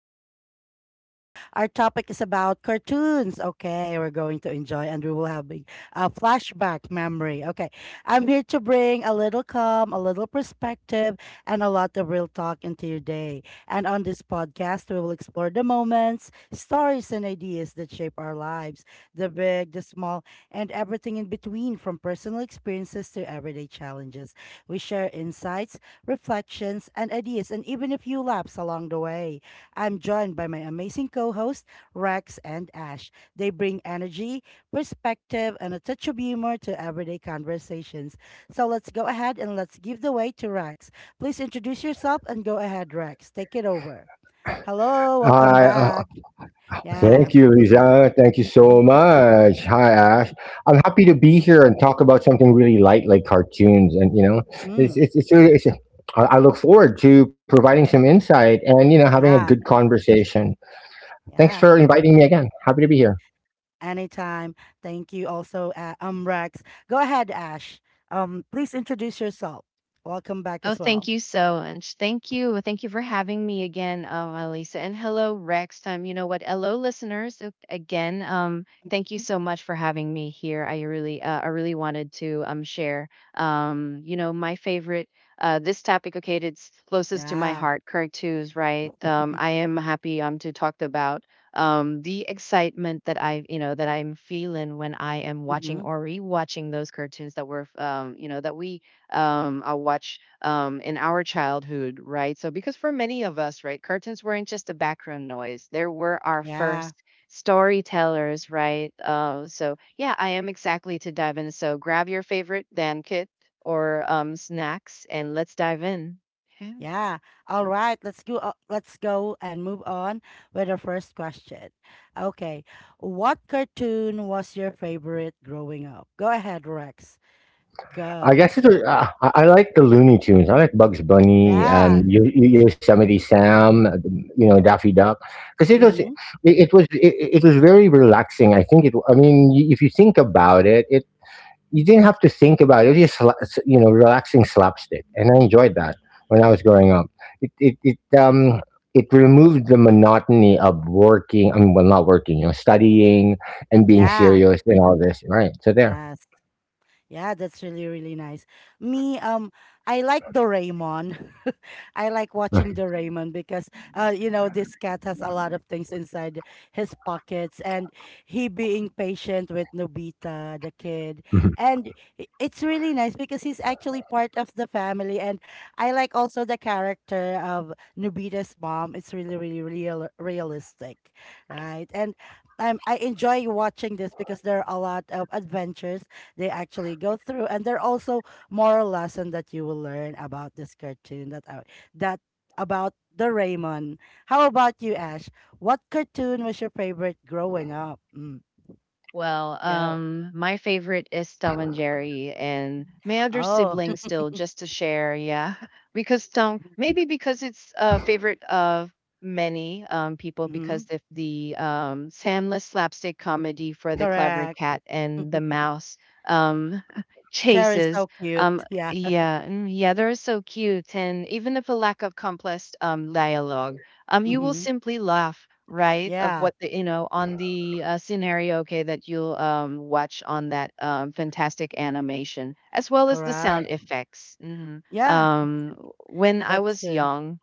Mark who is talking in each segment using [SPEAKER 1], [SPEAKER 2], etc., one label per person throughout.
[SPEAKER 1] Reflections with Lisa. Our topic is about cartoons. Okay, we're going to enjoy and we will have a flashback memory. Okay, I'm here to bring a little calm, a little perspective, and a lot of real talk into your day. And on this podcast, we will explore the moments, stories, and ideas that shape our lives, the big, the small, and everything in between, from personal experiences to everyday challenges. We share insights, reflections, and ideas, and even a few laps along the way. I'm joined by my amazing co hosts, Rex and Ash. They bring energy, perspective, and a touch of humor to everyday conversations. So let's go ahead and let's give the way to Rex. Please introduce yourself and go ahead, Rex. Take it over. Hello,
[SPEAKER 2] Hi,
[SPEAKER 1] welcome
[SPEAKER 2] uh,
[SPEAKER 1] back.
[SPEAKER 2] Thank
[SPEAKER 1] Yeah.
[SPEAKER 2] you, Lisa. Thank you so
[SPEAKER 1] Mhm,
[SPEAKER 2] much. Hi, Ash. I'm happy to be
[SPEAKER 1] mhm,
[SPEAKER 2] here and talk about something really light, like cartoons. And you know,
[SPEAKER 1] mhm, mhm.
[SPEAKER 2] it's it's. Really- it's I look forward to providing some insight and having a good
[SPEAKER 1] Yeah,
[SPEAKER 2] conversation. Thanks for
[SPEAKER 1] yeah.
[SPEAKER 2] inviting me again. Happy to be here.
[SPEAKER 1] Anytime. Thank you also, Rex. Go ahead, Ash. Please introduce yourself. Welcome back
[SPEAKER 3] Oh,
[SPEAKER 1] as
[SPEAKER 3] thank
[SPEAKER 1] well.
[SPEAKER 3] you so much. Thank you. Thank you for having me again, Elisa. And hello, Rex. You know what? Hello, listeners. Thank you
[SPEAKER 1] Mhm.
[SPEAKER 3] so much for having me here. I really wanted to share my favorite this topic. Okay, it's closest to my
[SPEAKER 1] Yeah.
[SPEAKER 3] heart. Correct twos, right? I am happy to talk about the excitement that I'm feeling when I am watching
[SPEAKER 1] Mm-hmm.
[SPEAKER 3] or rewatching those cartoons that were you know, that we I watch in our childhood, right? So, because for many of us, right, curtains weren't just a background noise, they were our
[SPEAKER 1] Yeah.
[SPEAKER 3] first storytellers, right? Yeah, I am exactly to dive in. So, grab your favorite Dan kit or snacks and let's dive in.
[SPEAKER 1] Yeah. All right. Let's go. Let's go and move on with our first question. Okay. What cartoon was your favorite growing up? Go ahead, Rex.
[SPEAKER 2] I
[SPEAKER 1] Go.
[SPEAKER 2] guess it was, I like the Looney Tunes. I like Bugs Bunny,
[SPEAKER 1] Yeah.
[SPEAKER 2] Yosemite Sam, you know Daffy Duck, because
[SPEAKER 1] Mm-hmm.
[SPEAKER 2] it was very relaxing. I think it. I mean, if you think about it, it you didn't have to think about it. It was just you know relaxing slapstick, and I enjoyed that when I was growing up. It it removed the monotony of working. I mean, well, not working, you know, studying and being
[SPEAKER 1] Yeah.
[SPEAKER 2] serious and all this. Right. So there.
[SPEAKER 1] Yes. Yeah, that's really really nice. Me, I like Doraemon. I like watching Doraemon because, this cat has a lot of things inside his pockets, and he being patient with Nobita, the kid, and it's really nice because he's actually part of the family, and I like also the character of Nobita's mom. It's really really realistic, right? And I enjoy watching this because there are a lot of adventures they actually go through, and there are also moral lesson that you will learn about this cartoon that I, that about the Raymond. How about you, Ash? What cartoon was your favorite growing up?
[SPEAKER 3] Well,
[SPEAKER 1] Go.
[SPEAKER 3] my favorite is Tom and Jerry, and my other
[SPEAKER 1] Oh,
[SPEAKER 3] siblings still just to share. Yeah, because Tom, maybe because it's a favorite of many people
[SPEAKER 1] hmm
[SPEAKER 3] because of the Sandless slapstick comedy for the clever
[SPEAKER 1] correct.
[SPEAKER 3] cat and the mouse um,
[SPEAKER 1] Cherry's
[SPEAKER 3] chases.
[SPEAKER 1] so cute.
[SPEAKER 3] Um,
[SPEAKER 1] Yeah.
[SPEAKER 3] yeah, yeah, they're so cute, and even if a lack of complex dialogue, you will
[SPEAKER 1] Mm-hmm.
[SPEAKER 3] simply laugh, right, of
[SPEAKER 1] Yeah,
[SPEAKER 3] what the you know on the scenario, okay, that you'll watch on that fantastic animation, as well as the sound
[SPEAKER 1] correct.
[SPEAKER 3] effects.
[SPEAKER 1] Yeah,
[SPEAKER 3] Um, when I
[SPEAKER 1] that's
[SPEAKER 3] was
[SPEAKER 1] true.
[SPEAKER 3] young,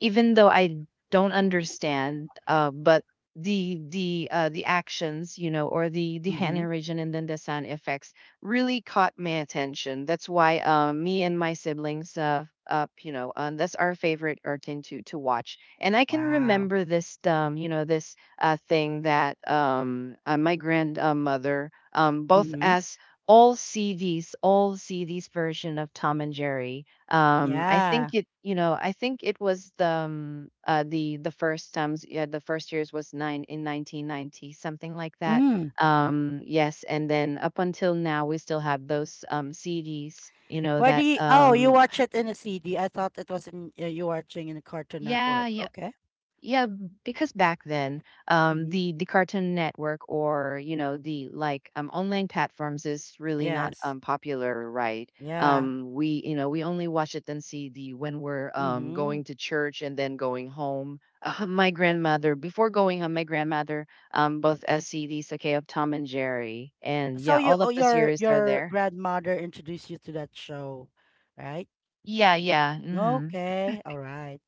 [SPEAKER 3] even though I don't understand, but the actions, you know, or the
[SPEAKER 1] Mm-hmm.
[SPEAKER 3] hand region and then the sound effects really caught my attention. That's why me and my siblings that's our favorite urtin to watch. And I can
[SPEAKER 1] Wow.
[SPEAKER 3] remember this this thing that my grandmother both
[SPEAKER 1] Mm-hmm.
[SPEAKER 3] as all CDs, all CDs version of Tom and Jerry
[SPEAKER 1] Yeah.
[SPEAKER 3] I think it was the the first times, yeah, the first years was nine in 1990, something like that.
[SPEAKER 1] Mm.
[SPEAKER 3] Yes, and then up until now, we still have those CDs, you know,
[SPEAKER 1] Where do
[SPEAKER 3] that
[SPEAKER 1] you? Oh, you watch it in a CD. I thought it was in you watching in a Cartoon
[SPEAKER 3] yeah,
[SPEAKER 1] Network.
[SPEAKER 3] yeah,
[SPEAKER 1] Okay.
[SPEAKER 3] yeah, because back then,
[SPEAKER 1] Mm-hmm.
[SPEAKER 3] the Cartoon Network or the like online platforms is really not
[SPEAKER 1] Yes.
[SPEAKER 3] popular, right?
[SPEAKER 1] Yeah.
[SPEAKER 3] We you know we only watch it and see the when we're
[SPEAKER 1] Mm-hmm.
[SPEAKER 3] going to church and then going home. My grandmother before going home, my grandmother both
[SPEAKER 1] Okay.
[SPEAKER 3] SCDs, okay, of Tom and Jerry, and
[SPEAKER 1] So
[SPEAKER 3] yeah,
[SPEAKER 1] you,
[SPEAKER 3] all
[SPEAKER 1] oh,
[SPEAKER 3] of the
[SPEAKER 1] your
[SPEAKER 3] series are
[SPEAKER 1] your
[SPEAKER 3] there.
[SPEAKER 1] grandmother introduced you to that show, right?
[SPEAKER 3] Yeah,
[SPEAKER 1] Okay. All right.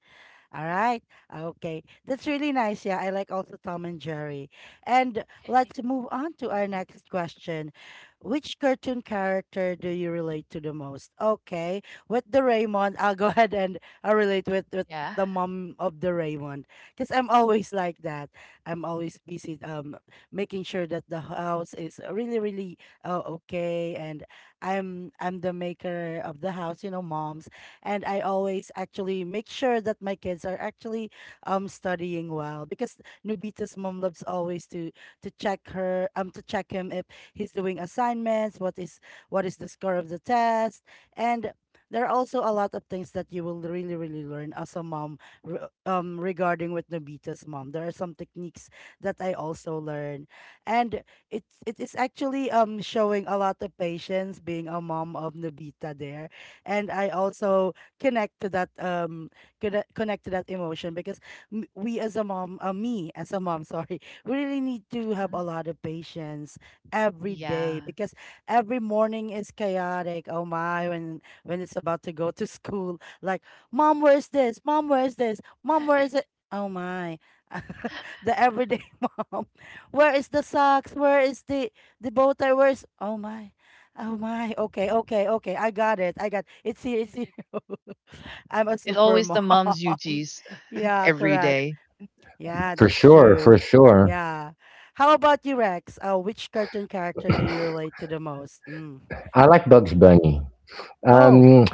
[SPEAKER 1] All right. Okay. That's really nice. Yeah, I like also Tom and Jerry. And let's move on to our next question. Which cartoon character do you relate to the most? Okay. With the Raymond, I'll go ahead and I'll relate with
[SPEAKER 3] yeah,
[SPEAKER 1] the mom of the Raymond. Because I'm always like that. I'm always busy making sure that the house is really, really okay, and I'm the maker of the house, you know, moms, and I always actually make sure that my kids are actually studying well, because Nubita's mom loves always to check her to check him if he's doing assignments, what is the score of the test, and there are also a lot of things that you will really really learn as a mom regarding with Nobita's mom. There are some techniques that I also learn, and it is actually showing a lot of patience being a mom of Nobita there, and I also connect to that um connect to that emotion because m- we as a mom me as a mom, sorry, we really need to have
[SPEAKER 3] hmm
[SPEAKER 1] a lot of patience every day,
[SPEAKER 3] yeah.
[SPEAKER 1] because every morning is chaotic, oh my, when it's about to go to school, like, mom where's this, mom where's this, mom where is it, oh my. The everyday mom, where is the socks, where is the bow tie, where's, oh my, oh my, okay okay okay, I got it, I got, it's here, it's here. I'm a
[SPEAKER 3] It's
[SPEAKER 1] super
[SPEAKER 3] always
[SPEAKER 1] mom.
[SPEAKER 3] the mom's duties
[SPEAKER 1] Yeah,
[SPEAKER 3] every
[SPEAKER 1] correct.
[SPEAKER 3] day.
[SPEAKER 1] Yeah,
[SPEAKER 2] For
[SPEAKER 1] that's
[SPEAKER 2] sure,
[SPEAKER 1] true.
[SPEAKER 2] for sure.
[SPEAKER 1] Yeah. How about you, Rex? Which cartoon character do you relate to the most? Mm.
[SPEAKER 2] I like Bugs Bunny.
[SPEAKER 1] Oh,
[SPEAKER 2] Um,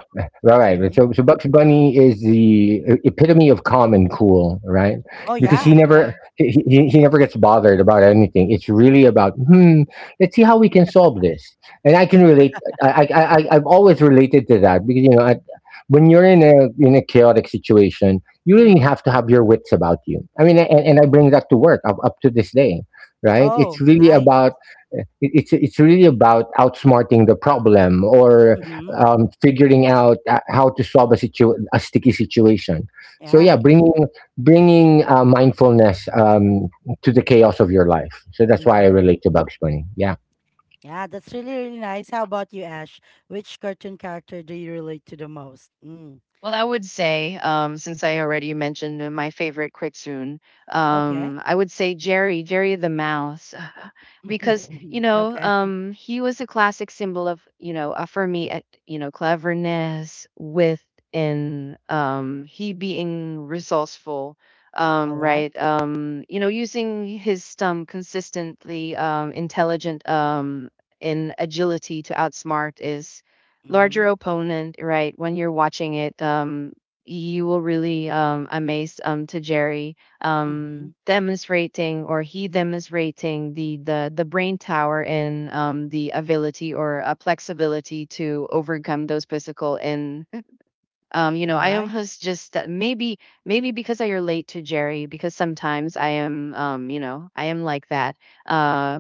[SPEAKER 2] right.
[SPEAKER 1] mm-hmm.
[SPEAKER 2] So Bugs Bunny is the epitome of calm and cool, right?
[SPEAKER 1] Oh,
[SPEAKER 2] Because he
[SPEAKER 1] yeah.
[SPEAKER 2] never
[SPEAKER 3] Yeah.
[SPEAKER 2] he, he, he never gets bothered about anything. It's really about hmm. Let's see how we can solve this. And I can relate. I've always related to that because when you're in a chaotic situation, you really
[SPEAKER 1] Mm-hmm.
[SPEAKER 2] have to have your wits about you. I mean, and I bring that to work up to this day, right? It's
[SPEAKER 1] Oh,
[SPEAKER 2] really
[SPEAKER 1] nice.
[SPEAKER 2] about it- it's it's really about outsmarting the problem or
[SPEAKER 1] Mm-hmm.
[SPEAKER 2] figuring out how to solve a a sticky situation. So
[SPEAKER 1] Yeah.
[SPEAKER 2] yeah, bringing mindfulness, to the chaos of your life. So that's why I
[SPEAKER 1] Mm-hmm.
[SPEAKER 2] relate to Bugs Bunny. Yeah.
[SPEAKER 1] Yeah, that's really, really nice. How about you, Ash? Which cartoon character do you relate to the most? Mm.
[SPEAKER 3] Well, I would say, since I already mentioned my favorite Cricksoon,
[SPEAKER 1] Okay.
[SPEAKER 3] I would say Jerry the Mouse, because you know,
[SPEAKER 1] Okay.
[SPEAKER 3] he was a classic symbol of, you know, for me, cleverness within he being resourceful,
[SPEAKER 1] All right.
[SPEAKER 3] right? Using his stump consistently, intelligent, in agility to outsmart is
[SPEAKER 1] Mm-hmm.
[SPEAKER 3] larger opponent, right? When you're watching it, you will really amazed to Jerry
[SPEAKER 1] Mm-hmm.
[SPEAKER 3] demonstrating or he demonstrating the brain tower and the ability or flexibility to overcome those physical and
[SPEAKER 1] All
[SPEAKER 3] I
[SPEAKER 1] right.
[SPEAKER 3] almost just maybe because I relate to Jerry because sometimes I am I am like that uh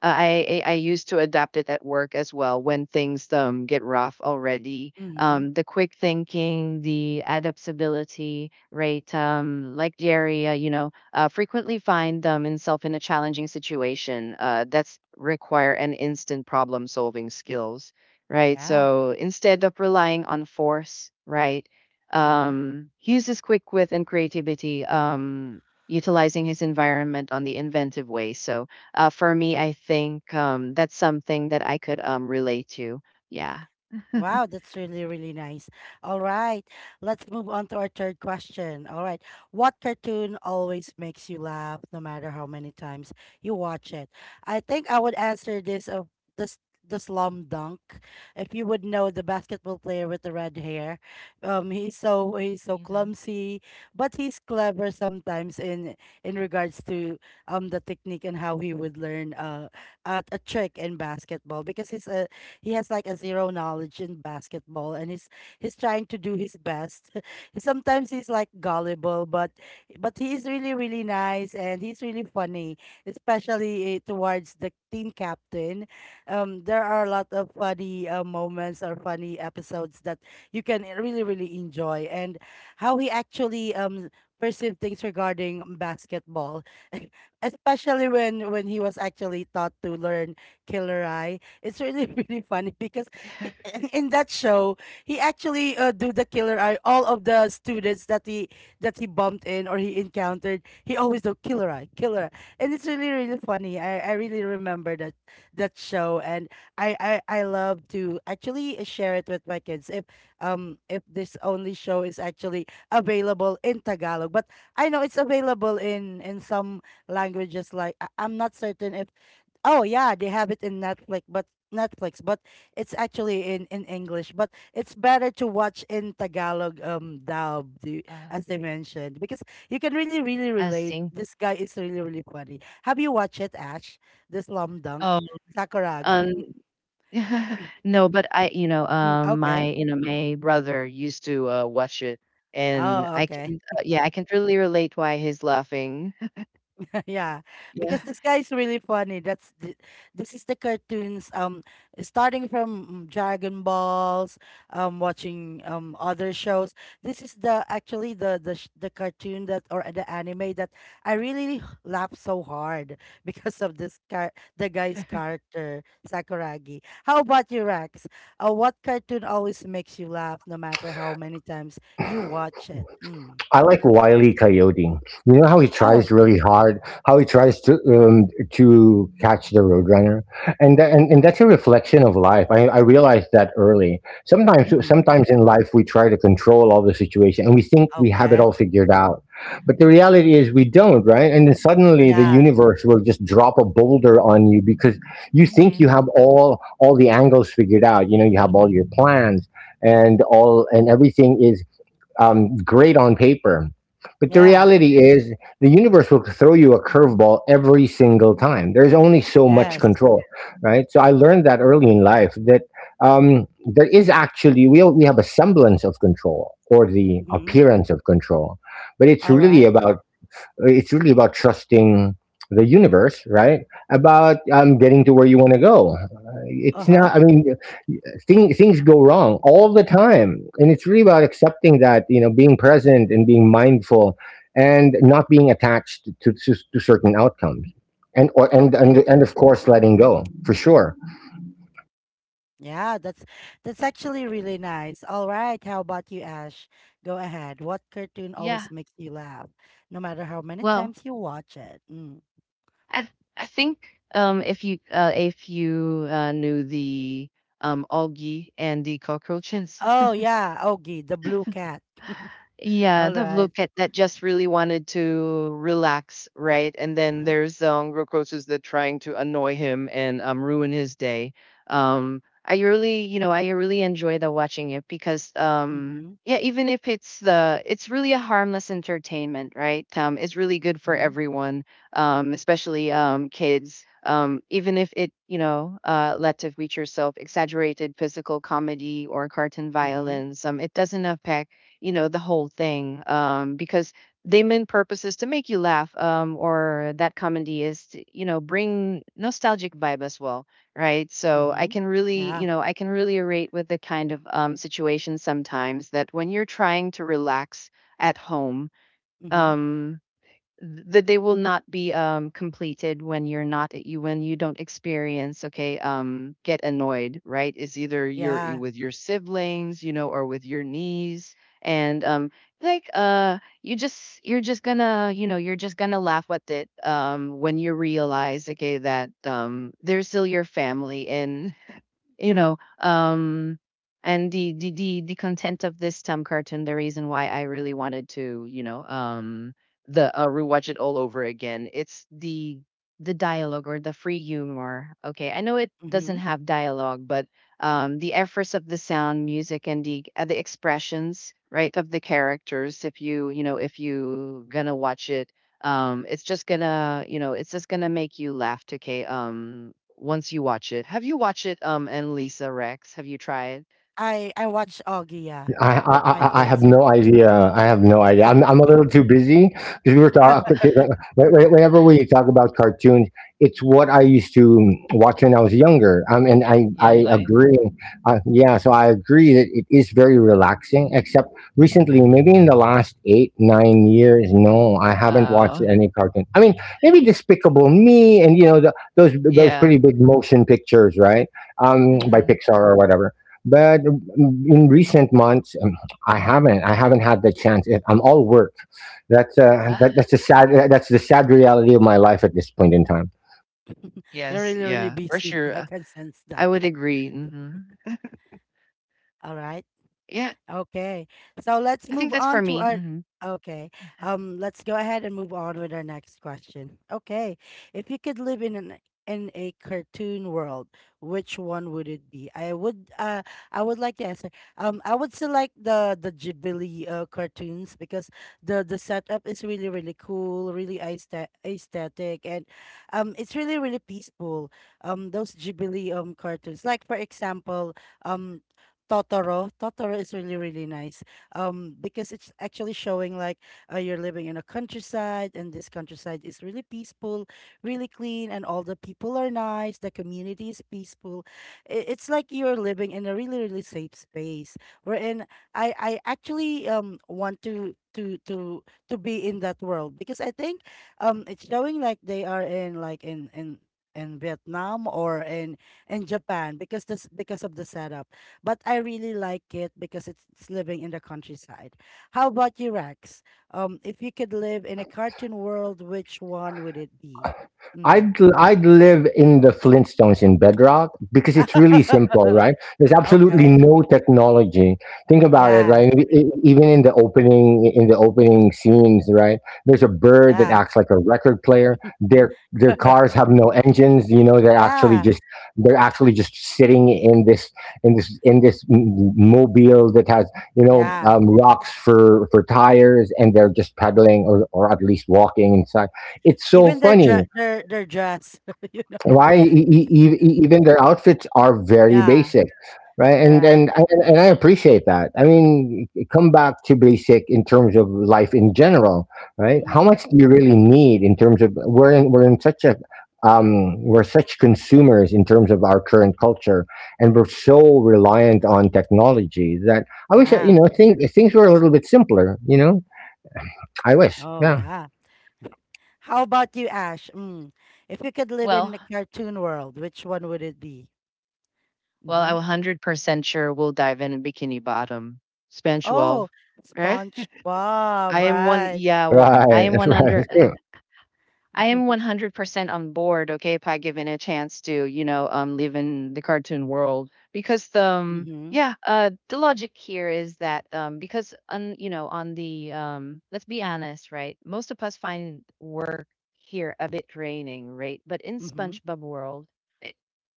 [SPEAKER 3] I used to adapt it at work as well when things get rough already.
[SPEAKER 1] Mm-hmm.
[SPEAKER 3] The quick thinking, the adaptability, right? Like Jerry, frequently find himself in a challenging situation. That's require an instant problem solving skills, right?
[SPEAKER 1] Yeah.
[SPEAKER 3] So instead of relying on force, right?
[SPEAKER 1] Mm-hmm.
[SPEAKER 3] He uses quick wit and creativity. Utilizing his environment on the inventive way. So for me, I think that's something that I could relate to. Yeah.
[SPEAKER 1] Wow, that's really, really nice. All right, let's move on to our third question. All right, what cartoon always makes you laugh no matter how many times you watch it? I think I would answer this, the Slum Dunk. If you would know the basketball player with the red hair, he's so
[SPEAKER 3] you know
[SPEAKER 1] clumsy, but he's clever sometimes in regards to the technique, and how he would learn a trick in basketball because he has like a zero knowledge in basketball, and he's trying to do his best. Sometimes he's like gullible, but he is really really nice and he's really funny, especially towards the team captain. There are a lot of funny moments or funny episodes that you can really really enjoy, and how he actually perceive things regarding basketball. Especially when he was actually taught to learn killer eye, it's really really funny because he- in that show he actually do the killer eye. All of the students that he bumped in or he encountered, he always do killer eye, and it's really really funny. I really remember that show, and I I I love to actually share it with my kids if this only show is actually available in Tagalog, but I know it's available in some languages, like I'm not certain if. Oh yeah, they have it in Netflix, but it's actually in English. But it's better to watch in Tagalog dubbed,
[SPEAKER 3] uh
[SPEAKER 1] as they mentioned, because you can really really
[SPEAKER 3] I
[SPEAKER 1] relate.
[SPEAKER 3] think
[SPEAKER 1] This guy is really really funny. Have you watched it, Ash? The Slum
[SPEAKER 3] Oh,
[SPEAKER 1] Dunk
[SPEAKER 3] um
[SPEAKER 1] Sakuragi.
[SPEAKER 3] no, but I you know
[SPEAKER 1] Mm,
[SPEAKER 3] my
[SPEAKER 1] okay.
[SPEAKER 3] you know my brother used to watch it, and
[SPEAKER 1] Oh,
[SPEAKER 3] I
[SPEAKER 1] okay.
[SPEAKER 3] can yeah I can really relate why he's laughing.
[SPEAKER 1] Yeah,
[SPEAKER 3] Yeah.
[SPEAKER 1] because this guy is really funny. This is the cartoons. Starting from Dragon Balls, watching other shows. This is the actually the cartoon that, or the anime that, I really laugh so hard because of this car the guy's character Sakuragi. How about you, Rex? What cartoon always makes you laugh, no matter how many times you watch it? Mm.
[SPEAKER 2] I like Wiley Coyote. You know how he tries
[SPEAKER 1] Oh.
[SPEAKER 2] really hard, how he tries to catch the Roadrunner, and, tha- and that's a reflection of life. I realized that early. Sometimes
[SPEAKER 1] Mm-hmm.
[SPEAKER 2] sometimes in life we try to control all the situation, and we think we have it all
[SPEAKER 1] Okay.
[SPEAKER 2] figured out, but the reality is we don't, right? And then suddenly the
[SPEAKER 1] Yeah.
[SPEAKER 2] universe will just drop a boulder on you because you think
[SPEAKER 3] yeah
[SPEAKER 2] you have all the angles figured out. You know, you have all your plans and all and everything is great on paper. But the
[SPEAKER 1] Yeah.
[SPEAKER 2] reality is, the universe will throw you a curveball every single time. There's only so much
[SPEAKER 1] Yes.
[SPEAKER 2] control, right? So I learned that early in life that there is actually we have a semblance of control or the
[SPEAKER 1] Mm-hmm.
[SPEAKER 2] appearance of control, but it's
[SPEAKER 1] All
[SPEAKER 2] really
[SPEAKER 1] right.
[SPEAKER 2] about it's really about trusting the universe, right? About getting to where you want to go. It's
[SPEAKER 1] Uh-huh.
[SPEAKER 2] not. I mean, things go wrong all the time and it's really about accepting that you know being present and being mindful and not being attached to, to certain outcomes and or, and,
[SPEAKER 1] Okay.
[SPEAKER 2] and of course letting go for sure.
[SPEAKER 1] Yeah, that's actually really nice. All right. How about you, Ash? Go ahead. What cartoon
[SPEAKER 3] Yeah.
[SPEAKER 1] always makes you laugh, no matter how many
[SPEAKER 3] Well,
[SPEAKER 1] times you watch it? Mm.
[SPEAKER 3] I I think if you knew the algae and the cockroaches.
[SPEAKER 1] Oh yeah, Ogie, the blue cat.
[SPEAKER 3] Yeah,
[SPEAKER 1] All
[SPEAKER 3] the
[SPEAKER 1] right.
[SPEAKER 3] Vloket that just really wanted to relax, right? And then
[SPEAKER 1] Mm-hmm.
[SPEAKER 3] there's Rokosu's that trying to annoy him and ruin his day. I really, you know, I really enjoy the watching it because,
[SPEAKER 1] Mm-hmm.
[SPEAKER 3] yeah, even if it's really a harmless entertainment, right? It's really good for
[SPEAKER 1] Mm-hmm.
[SPEAKER 3] everyone, especially kids. Even if it, you know, lets to reach yourself exaggerated physical comedy or cartoon
[SPEAKER 1] Mm-hmm.
[SPEAKER 3] violence, it doesn't affect the whole thing because they main purpose is to make you laugh or that comedy is to, you know bring nostalgic vibe as well, right? So I
[SPEAKER 1] Mm-hmm.
[SPEAKER 3] can really
[SPEAKER 1] Yeah.
[SPEAKER 3] you know I can really relate with the kind of situation sometimes that when you're trying to relax at home,
[SPEAKER 1] Mm-hmm.
[SPEAKER 3] um that they will not be completed when you're not at you when you don't experience okay get annoyed, right? It's either you're
[SPEAKER 1] Yeah.
[SPEAKER 3] with your siblings you know or with your niece, and you just you're just gonna you know you're just gonna laugh at it when you realize okay that they're still your family, and you know um and the the content of this Tom cartoon the reason why I really wanted to the rewatch it all over again it's the dialogue or the free humor. Okay, I know it
[SPEAKER 1] Mm-hmm.
[SPEAKER 3] doesn't have dialogue, but the efforts of the sound music and the expressions right of the characters if you gonna watch it, it's just gonna make you laugh to K once you watch it. Have you watched it, and Lisa Rex? Have you tried?
[SPEAKER 1] I watch Augie, yeah,
[SPEAKER 2] I, I
[SPEAKER 1] with my
[SPEAKER 2] I I have
[SPEAKER 1] kids.
[SPEAKER 2] no idea. I have no idea. I'm a little too busy because we were talking. Whenever we talk about cartoons, it's what I used to watch when I was younger. And I
[SPEAKER 1] Mm-hmm.
[SPEAKER 3] Yan
[SPEAKER 2] I
[SPEAKER 3] Lai.
[SPEAKER 2] agree. Yeah, so I agree that it is very relaxing. Except recently, maybe in the last 8-9 years, no, I haven't watched
[SPEAKER 3] Oh,
[SPEAKER 2] any cartoon. I mean, maybe Despicable Me and you know the, those
[SPEAKER 3] yeah.
[SPEAKER 2] pretty big motion pictures, right? By
[SPEAKER 3] hmm
[SPEAKER 2] Pixar or whatever. But in recent months, I haven't had the chance. I'm all work.
[SPEAKER 3] Ah,
[SPEAKER 2] That's the sad. That's the sad reality of my life at this point in time.
[SPEAKER 1] You're
[SPEAKER 3] yes,
[SPEAKER 1] really, really
[SPEAKER 3] yeah, for
[SPEAKER 1] busy.
[SPEAKER 3] sure.
[SPEAKER 1] I can sense
[SPEAKER 3] I
[SPEAKER 1] that.
[SPEAKER 3] would agree.
[SPEAKER 1] All right.
[SPEAKER 3] Yeah,
[SPEAKER 1] Okay. So let's
[SPEAKER 3] I think
[SPEAKER 1] move
[SPEAKER 3] that's for
[SPEAKER 1] on to
[SPEAKER 3] me.
[SPEAKER 1] our. Okay, let's go ahead and move on with our next question. Okay. If you could live in a cartoon world, which one would it be? I would like to answer. I would select the Ghibli cartoons because the setup is really really cool, really aesthetic, and it's really really peaceful. Those Ghibli cartoons. Like, for example, um Totoro. Totoro is really, really nice. Because it's actually showing like, you're living in a countryside, and this countryside is really peaceful, really clean, and all the people are nice. The community is peaceful. It's like you're living in a really, really safe space. Wherein I actually want to be in that world, because I think it's showing like they are in, like, in Vietnam, or in Japan because, this because of the setup, but I really like it because it's living in the countryside. How about you, Rex? If you could live in a cartoon world, which one would it be? Mm.
[SPEAKER 2] I'd live in the Flintstones in Bedrock because it's really simple, right? There's absolutely
[SPEAKER 1] Okay.
[SPEAKER 2] no technology. Think about it,
[SPEAKER 1] Yeah.
[SPEAKER 2] right? Even in the opening scenes, right? There's a bird that
[SPEAKER 1] Yeah.
[SPEAKER 2] acts like a record player. Their cars have no engines. You know, they're actually
[SPEAKER 1] Yeah.
[SPEAKER 2] just they're actually just sitting in this mobile that has you know
[SPEAKER 1] Yeah.
[SPEAKER 2] rocks for tires, and they're just pedaling or at least walking inside. It's so
[SPEAKER 1] Even their
[SPEAKER 2] funny
[SPEAKER 1] dress, you know.
[SPEAKER 2] why
[SPEAKER 1] Yeah.
[SPEAKER 2] even their outfits are very
[SPEAKER 1] Yeah,
[SPEAKER 2] basic, right? and
[SPEAKER 1] correct.
[SPEAKER 2] and I- and and i appreciate that. I mean, come back to basic in terms of life in general, right? How
[SPEAKER 1] Mm-hmm.
[SPEAKER 2] much do you really need in terms of we're in such a we're such consumers in terms of our current culture and we're so reliant on technology that I wish that, you
[SPEAKER 1] Yeah.
[SPEAKER 2] know, things were a little bit simpler, you know. I wish.
[SPEAKER 1] Oh,
[SPEAKER 2] Yeah,
[SPEAKER 1] yeah. How about you, Ash? Mm. If you could live in
[SPEAKER 3] Well,
[SPEAKER 1] a cartoon world, which one would it be?
[SPEAKER 3] well, I'm
[SPEAKER 1] Mm-hmm.
[SPEAKER 3] 100% sure we'll dive in Bikini Bottom, Span 12.
[SPEAKER 1] Oh,
[SPEAKER 3] Right?
[SPEAKER 1] SpongeBob,
[SPEAKER 3] I am one.
[SPEAKER 1] right.
[SPEAKER 3] Yeah, well, I
[SPEAKER 2] right.
[SPEAKER 3] am
[SPEAKER 2] That's right.
[SPEAKER 3] 100.
[SPEAKER 2] It's true.
[SPEAKER 3] I am 100% on board, okay, if I given a chance to, you know, live in the cartoon world because the,
[SPEAKER 1] Mm-hmm.
[SPEAKER 3] the logic here is that, because on, you know, on the, let's be honest, right? Most of us find work here a bit draining, right? But in
[SPEAKER 1] Mm-hmm.
[SPEAKER 3] SpongeBob world, e-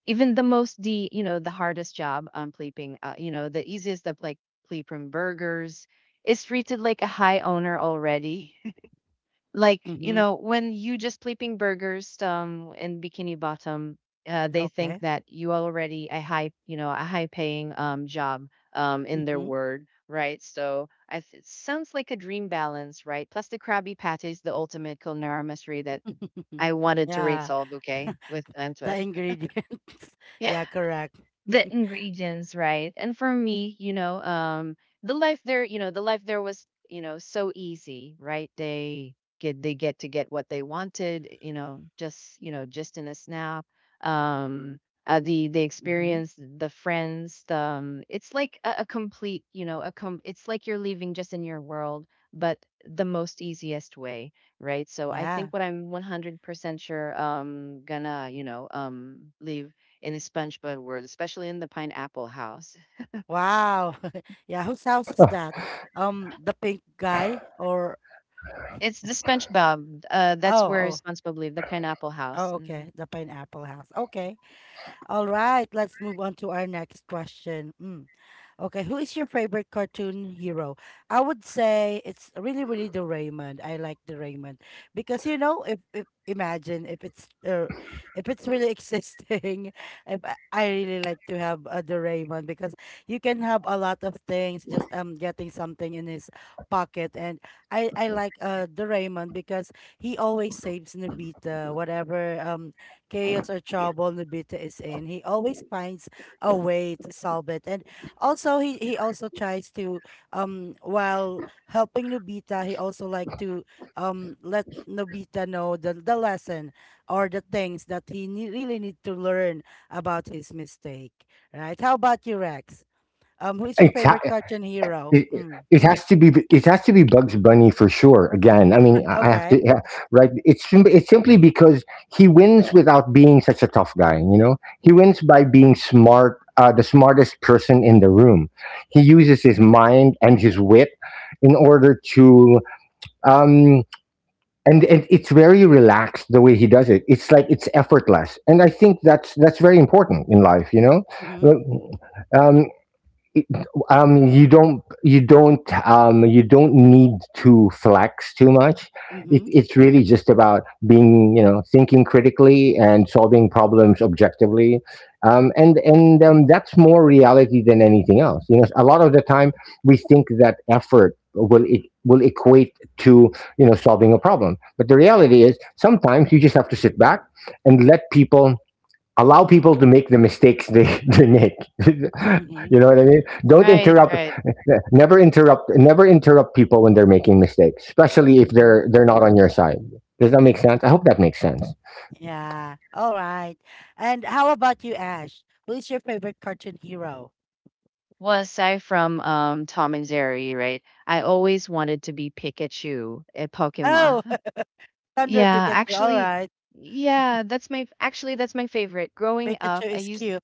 [SPEAKER 3] even the most, the hardest job pleeping, the easiest of like pleeping burgers is treated like a high owner already, like you
[SPEAKER 1] Mm-hmm.
[SPEAKER 3] know when you just flipping burgers in Bikini Bottom, they think
[SPEAKER 1] Okay.
[SPEAKER 3] that you already a high you know a high paying job in their
[SPEAKER 1] Mm-hmm.
[SPEAKER 3] word, right? So it sounds like a dream balance, right? Plus the Krabby Patty is the ultimate culinary mystery that I wanted to rate
[SPEAKER 1] Yeah.
[SPEAKER 3] solved, okay, with and
[SPEAKER 1] The ingredients.
[SPEAKER 3] yeah
[SPEAKER 1] Yeah, correct.
[SPEAKER 3] the ingredients, right? And for me the life there was you know so easy, right? They get to get what they wanted, you know, just in a snap. um the
[SPEAKER 1] Mm-hmm.
[SPEAKER 3] experience the friends the it's like a complete you know it's like you're leaving just in your world, but the most easiest way, right? So I think
[SPEAKER 1] Yeah.
[SPEAKER 3] what I'm 100% sure gonna you know leave in the SpongeBob world, especially in the pineapple house.
[SPEAKER 1] Wow. Yeah, whose house is that? The pink guy, or
[SPEAKER 3] It's the SpongeBob.
[SPEAKER 1] oh,
[SPEAKER 3] That's where
[SPEAKER 1] oh,
[SPEAKER 3] SpongeBob lived, the pineapple house.
[SPEAKER 1] oh,
[SPEAKER 3] Mm.
[SPEAKER 1] okay, the pineapple house. Okay. All right, let's move on to our next question. Mm. Okay, who is your favorite cartoon hero? I would say it's really, really the Raymond. I like the Raymond because you know, if imagine if it's really existing, if I really like to have a the Raymond because you can have a lot of things just getting something in his pocket, and I like the Raymond because he always saves Nobita whatever chaos or trouble Nobita is in. He always finds a way to solve it, and also, he also tries to while helping Nobita, he also like to let Nobita know the lesson or the things that really need to learn about his mistake, right? How about you, Rex? Who is your
[SPEAKER 2] It's,
[SPEAKER 1] favorite
[SPEAKER 2] it,
[SPEAKER 1] cartoon hero?
[SPEAKER 2] it
[SPEAKER 1] Mm.
[SPEAKER 2] it has to be Bugs Bunny for sure. Again, I mean, I have to,
[SPEAKER 1] Okay.
[SPEAKER 2] yeah, right. It's simply because he wins without being such a tough guy. You know, he wins by being smart, the smartest person in the room. He uses his mind and his wit in order to um and it's very relaxed the way he does it. It's like it's effortless and I think that's very important in life, you know.
[SPEAKER 1] Mm-hmm.
[SPEAKER 2] um it- um you don't you don't you don't need to flex too much.
[SPEAKER 1] Mm-hmm.
[SPEAKER 2] It's really just about being you know thinking critically and solving problems objectively, and that's more reality than anything else. You know, a lot of the time we think that effort will it will equate to you know solving a problem, but the reality is sometimes you just have to sit back and let people allow people to make the mistakes they make you
[SPEAKER 1] Mm-hmm.
[SPEAKER 3] Okay.
[SPEAKER 2] know what I mean? Don't
[SPEAKER 3] Right,
[SPEAKER 2] interrupt.
[SPEAKER 3] right.
[SPEAKER 2] Never interrupt people when they're making mistakes, especially if
[SPEAKER 1] Mm-hmm.
[SPEAKER 2] they're not on your side. Does that make sense? I hope that makes sense.
[SPEAKER 3] Yeah.
[SPEAKER 1] Yeah. All right. And how about you, Ash? Who is your favorite cartoon hero?
[SPEAKER 3] Well, aside from Tom and Jerry, right? I always wanted to be Pikachu at Pokemon.
[SPEAKER 1] Oh, Thunder
[SPEAKER 3] Yeah,
[SPEAKER 1] Pikachu. All
[SPEAKER 3] actually,
[SPEAKER 1] right.
[SPEAKER 3] yeah, that's my actually that's my favorite. Growing
[SPEAKER 1] Pikachu
[SPEAKER 3] up, I
[SPEAKER 1] is
[SPEAKER 3] used
[SPEAKER 1] cute.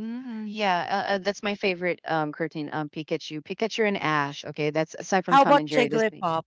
[SPEAKER 3] yeah, that's my favorite cartoon Pikachu, Pikachu and Ash. Okay, that's aside from
[SPEAKER 1] How
[SPEAKER 3] Tom
[SPEAKER 1] about
[SPEAKER 3] and Jerry. This thing,
[SPEAKER 1] Jigglypuff?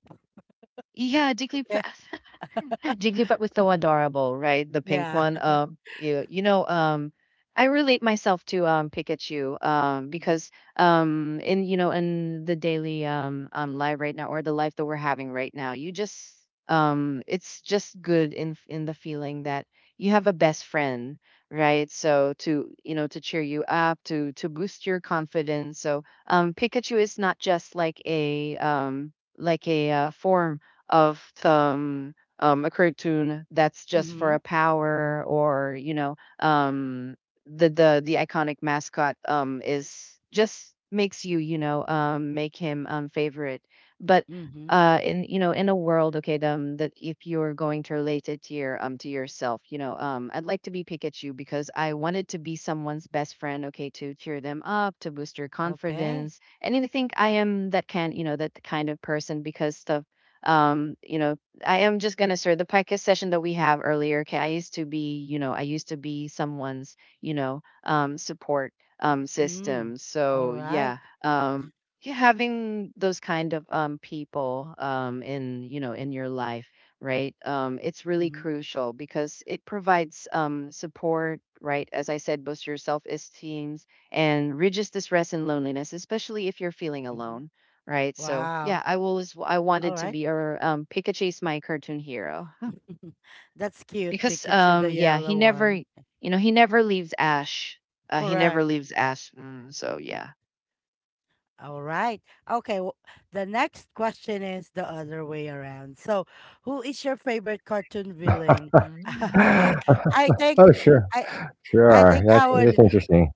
[SPEAKER 3] yeah,
[SPEAKER 1] Okay.
[SPEAKER 3] Jigglypuff. Jigglypuff was so adorable, right? The pink
[SPEAKER 1] Yeah.
[SPEAKER 3] one. You know, I relate myself to Pikachu, because in you know in the daily life right now or the life that we're having right now, you just it's just good in the feeling that you have a best friend, right? So to you know to cheer you up, to boost your confidence. So Pikachu is not just like a form of a cartoon that's just for
[SPEAKER 1] Mm-hmm.
[SPEAKER 3] a power or the the iconic mascot is just makes you you know make him favorite but
[SPEAKER 1] Mm-hmm.
[SPEAKER 3] in in a world okay that if you're going to relate it to your to yourself, I'd like to be Pikachu because I wanted to be someone's best friend, okay, to cheer them up, to boost their
[SPEAKER 1] Okay.
[SPEAKER 3] confidence. And I think I am that can, that kind of person because the you know I am just gonna start the podcast session that we have earlier. Okay, I used to be, I used to be someone's, support
[SPEAKER 1] Mm-hmm.
[SPEAKER 3] system.
[SPEAKER 1] All
[SPEAKER 3] So
[SPEAKER 1] right.
[SPEAKER 3] yeah, um, yeah, having those kind of people in in your life, right? It's really
[SPEAKER 1] Mm-hmm.
[SPEAKER 3] crucial because it provides support, right? As I said, boosts your self esteem and reduces the stress and loneliness, especially if you're feeling
[SPEAKER 1] Mm-hmm.
[SPEAKER 3] alone. Right, so,
[SPEAKER 1] Wow.
[SPEAKER 3] yeah, I
[SPEAKER 1] All
[SPEAKER 3] wanted to
[SPEAKER 1] right.
[SPEAKER 3] be, or, Pikachu is my cartoon hero.
[SPEAKER 1] That's cute,
[SPEAKER 3] Because,
[SPEAKER 1] Pikachu, the
[SPEAKER 3] yeah, he
[SPEAKER 1] yellow
[SPEAKER 3] never
[SPEAKER 1] one.
[SPEAKER 3] he never leaves Ash. He
[SPEAKER 1] Correct.
[SPEAKER 3] never leaves Ash, so, yeah.
[SPEAKER 1] All right. Okay. w The next question is the other way around. So, who is your favorite cartoon villain?
[SPEAKER 3] Mm.
[SPEAKER 1] Yeah. I think
[SPEAKER 2] Oh sure,
[SPEAKER 1] I I
[SPEAKER 2] sure,
[SPEAKER 1] think I
[SPEAKER 2] that's
[SPEAKER 1] would.
[SPEAKER 2] interesting.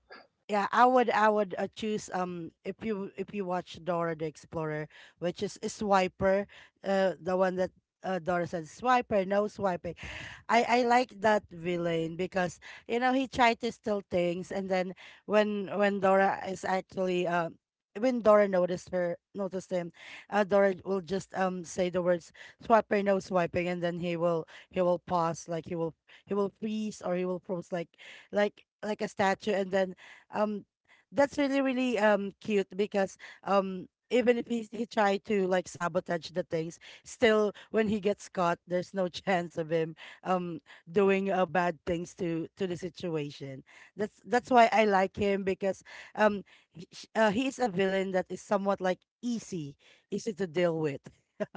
[SPEAKER 1] Yeah, I would choose if you watch Dora the Explorer, which is Swiper, uh, the one that Dora said, "Swiper, no Swiper." I like that villain because you know he tried to steal things, and then when Dora is actually when Dora noticed her, noticed him, Dora will just say the words "swiper, no swiping," and then he will pause, like he will freeze, or he will pose like like a statue, and then um that's really really cute because even if he tried to like sabotage the things, still when he gets caught, there's no chance of him um doing bad things to the situation. That's why I like him because um he is a villain that is somewhat like easy, easy to deal with.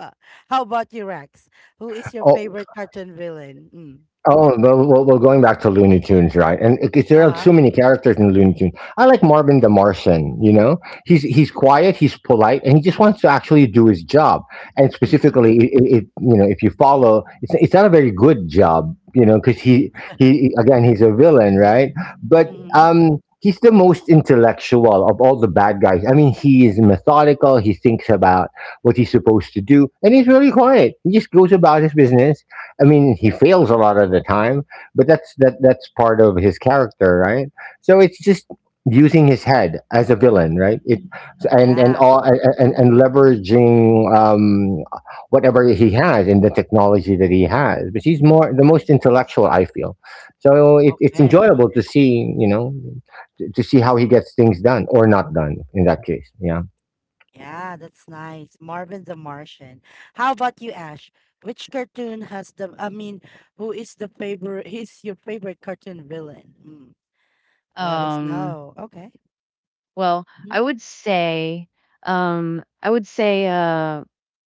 [SPEAKER 1] How about you, Rex? Who is your
[SPEAKER 2] Oh
[SPEAKER 1] favorite cartoon villain? Mm.
[SPEAKER 2] Oh, well, going back to Looney Tunes, right? And because there are
[SPEAKER 1] Uh-huh.
[SPEAKER 2] too many characters in Looney Tunes. I like Marvin the Martian. You know, he's quiet, he's polite, and he just wants to actually do his job. And
[SPEAKER 1] Mm-hmm.
[SPEAKER 2] specifically, if you know, if you follow, it's not a very good job, you know, because he he again he's a villain, right? But
[SPEAKER 1] Mm-hmm.
[SPEAKER 2] um, he's the most intellectual of all the bad guys. I mean, he is methodical. He thinks about what he's supposed to do, and he's really quiet. He just goes about his business. I mean, he fails a lot of the time, but that's part of his character, right? So it's just using his head as a villain, right? It and
[SPEAKER 1] Yeah.
[SPEAKER 2] all and Leveraging whatever he has and the technology that he has. But he's more the most intellectual, I feel. So it's
[SPEAKER 1] Okay.
[SPEAKER 2] enjoyable to see, you know, to see how he gets things done or not done in that case. Yeah,
[SPEAKER 1] Yeah, that's nice, Marvin the Martian. How about you, Ash? Which cartoon has the I mean Who is the favorite? He's your favorite cartoon villain? Mm. Let us
[SPEAKER 3] Um,
[SPEAKER 1] know. Okay.
[SPEAKER 3] well,
[SPEAKER 1] Mhm.
[SPEAKER 3] I would say, um, I would say, uh,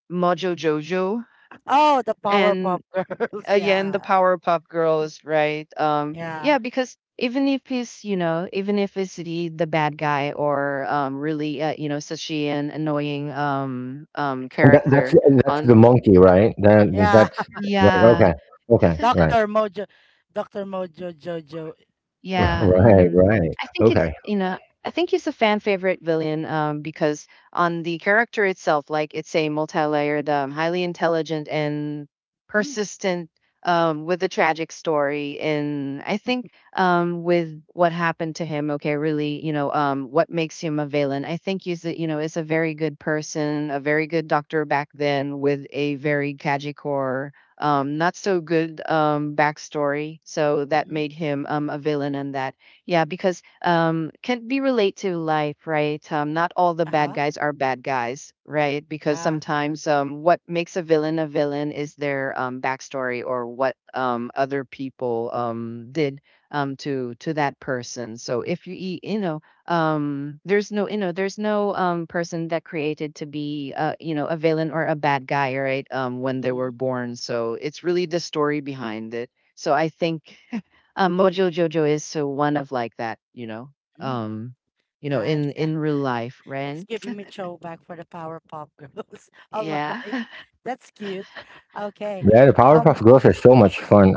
[SPEAKER 3] Mojo Jojo,
[SPEAKER 1] Oh, the
[SPEAKER 3] and
[SPEAKER 1] Powerpuff Girls.
[SPEAKER 3] again the
[SPEAKER 1] Yeah.
[SPEAKER 3] Powerpuff Girls, right?
[SPEAKER 1] Yeah. Yeah.
[SPEAKER 3] Yeah, because even if he's, even if it's the bad guy or really such an annoying
[SPEAKER 2] that's
[SPEAKER 3] character on,
[SPEAKER 2] the monkey, right? That that's Right.
[SPEAKER 3] yeah.
[SPEAKER 2] Okay, okay, right.
[SPEAKER 1] Dr. Mojo. Dr. Mojo Jojo.
[SPEAKER 3] Yeah,
[SPEAKER 1] Yeah.
[SPEAKER 2] Right,
[SPEAKER 3] mm.
[SPEAKER 2] right.
[SPEAKER 3] I think it's,
[SPEAKER 2] Okay.
[SPEAKER 3] you know, I think he's a fan favorite villain, because on the character itself, like it's a multi-layered, highly intelligent and
[SPEAKER 1] Mm.
[SPEAKER 3] persistent, with a tragic story. And I think, with what happened to him, okay, really, you know, what makes him a villain? I think he's a, you know, is a very good person, a very good doctor back then with a very tragic, not so good, backstory. So that
[SPEAKER 1] Mm-hmm.
[SPEAKER 3] made him, a villain and that. Yeah, because, can be relate to life, right? Not all the bad
[SPEAKER 1] Uh-huh.
[SPEAKER 3] guys are bad guys, right? Because
[SPEAKER 1] Yeah.
[SPEAKER 3] sometimes, what makes a villain is their, backstory or what, other people, did, to that person. So if you, you know, there's no, there's no person that created to be a villain or a bad guy, right? When they were
[SPEAKER 1] Mm,
[SPEAKER 3] born, so it's really the story behind it. So I think Mojo Jojo is so one of like that, you know,
[SPEAKER 1] mm,
[SPEAKER 3] um you know,
[SPEAKER 1] nice. Yeah.
[SPEAKER 3] in real life, right?
[SPEAKER 1] It's giving me throwback for the Powerpuff Girls. All right.
[SPEAKER 3] Yeah.
[SPEAKER 1] That's cute. Okay.
[SPEAKER 2] Yeah, the
[SPEAKER 1] Um,
[SPEAKER 2] Powerpuff Girls are so much fun.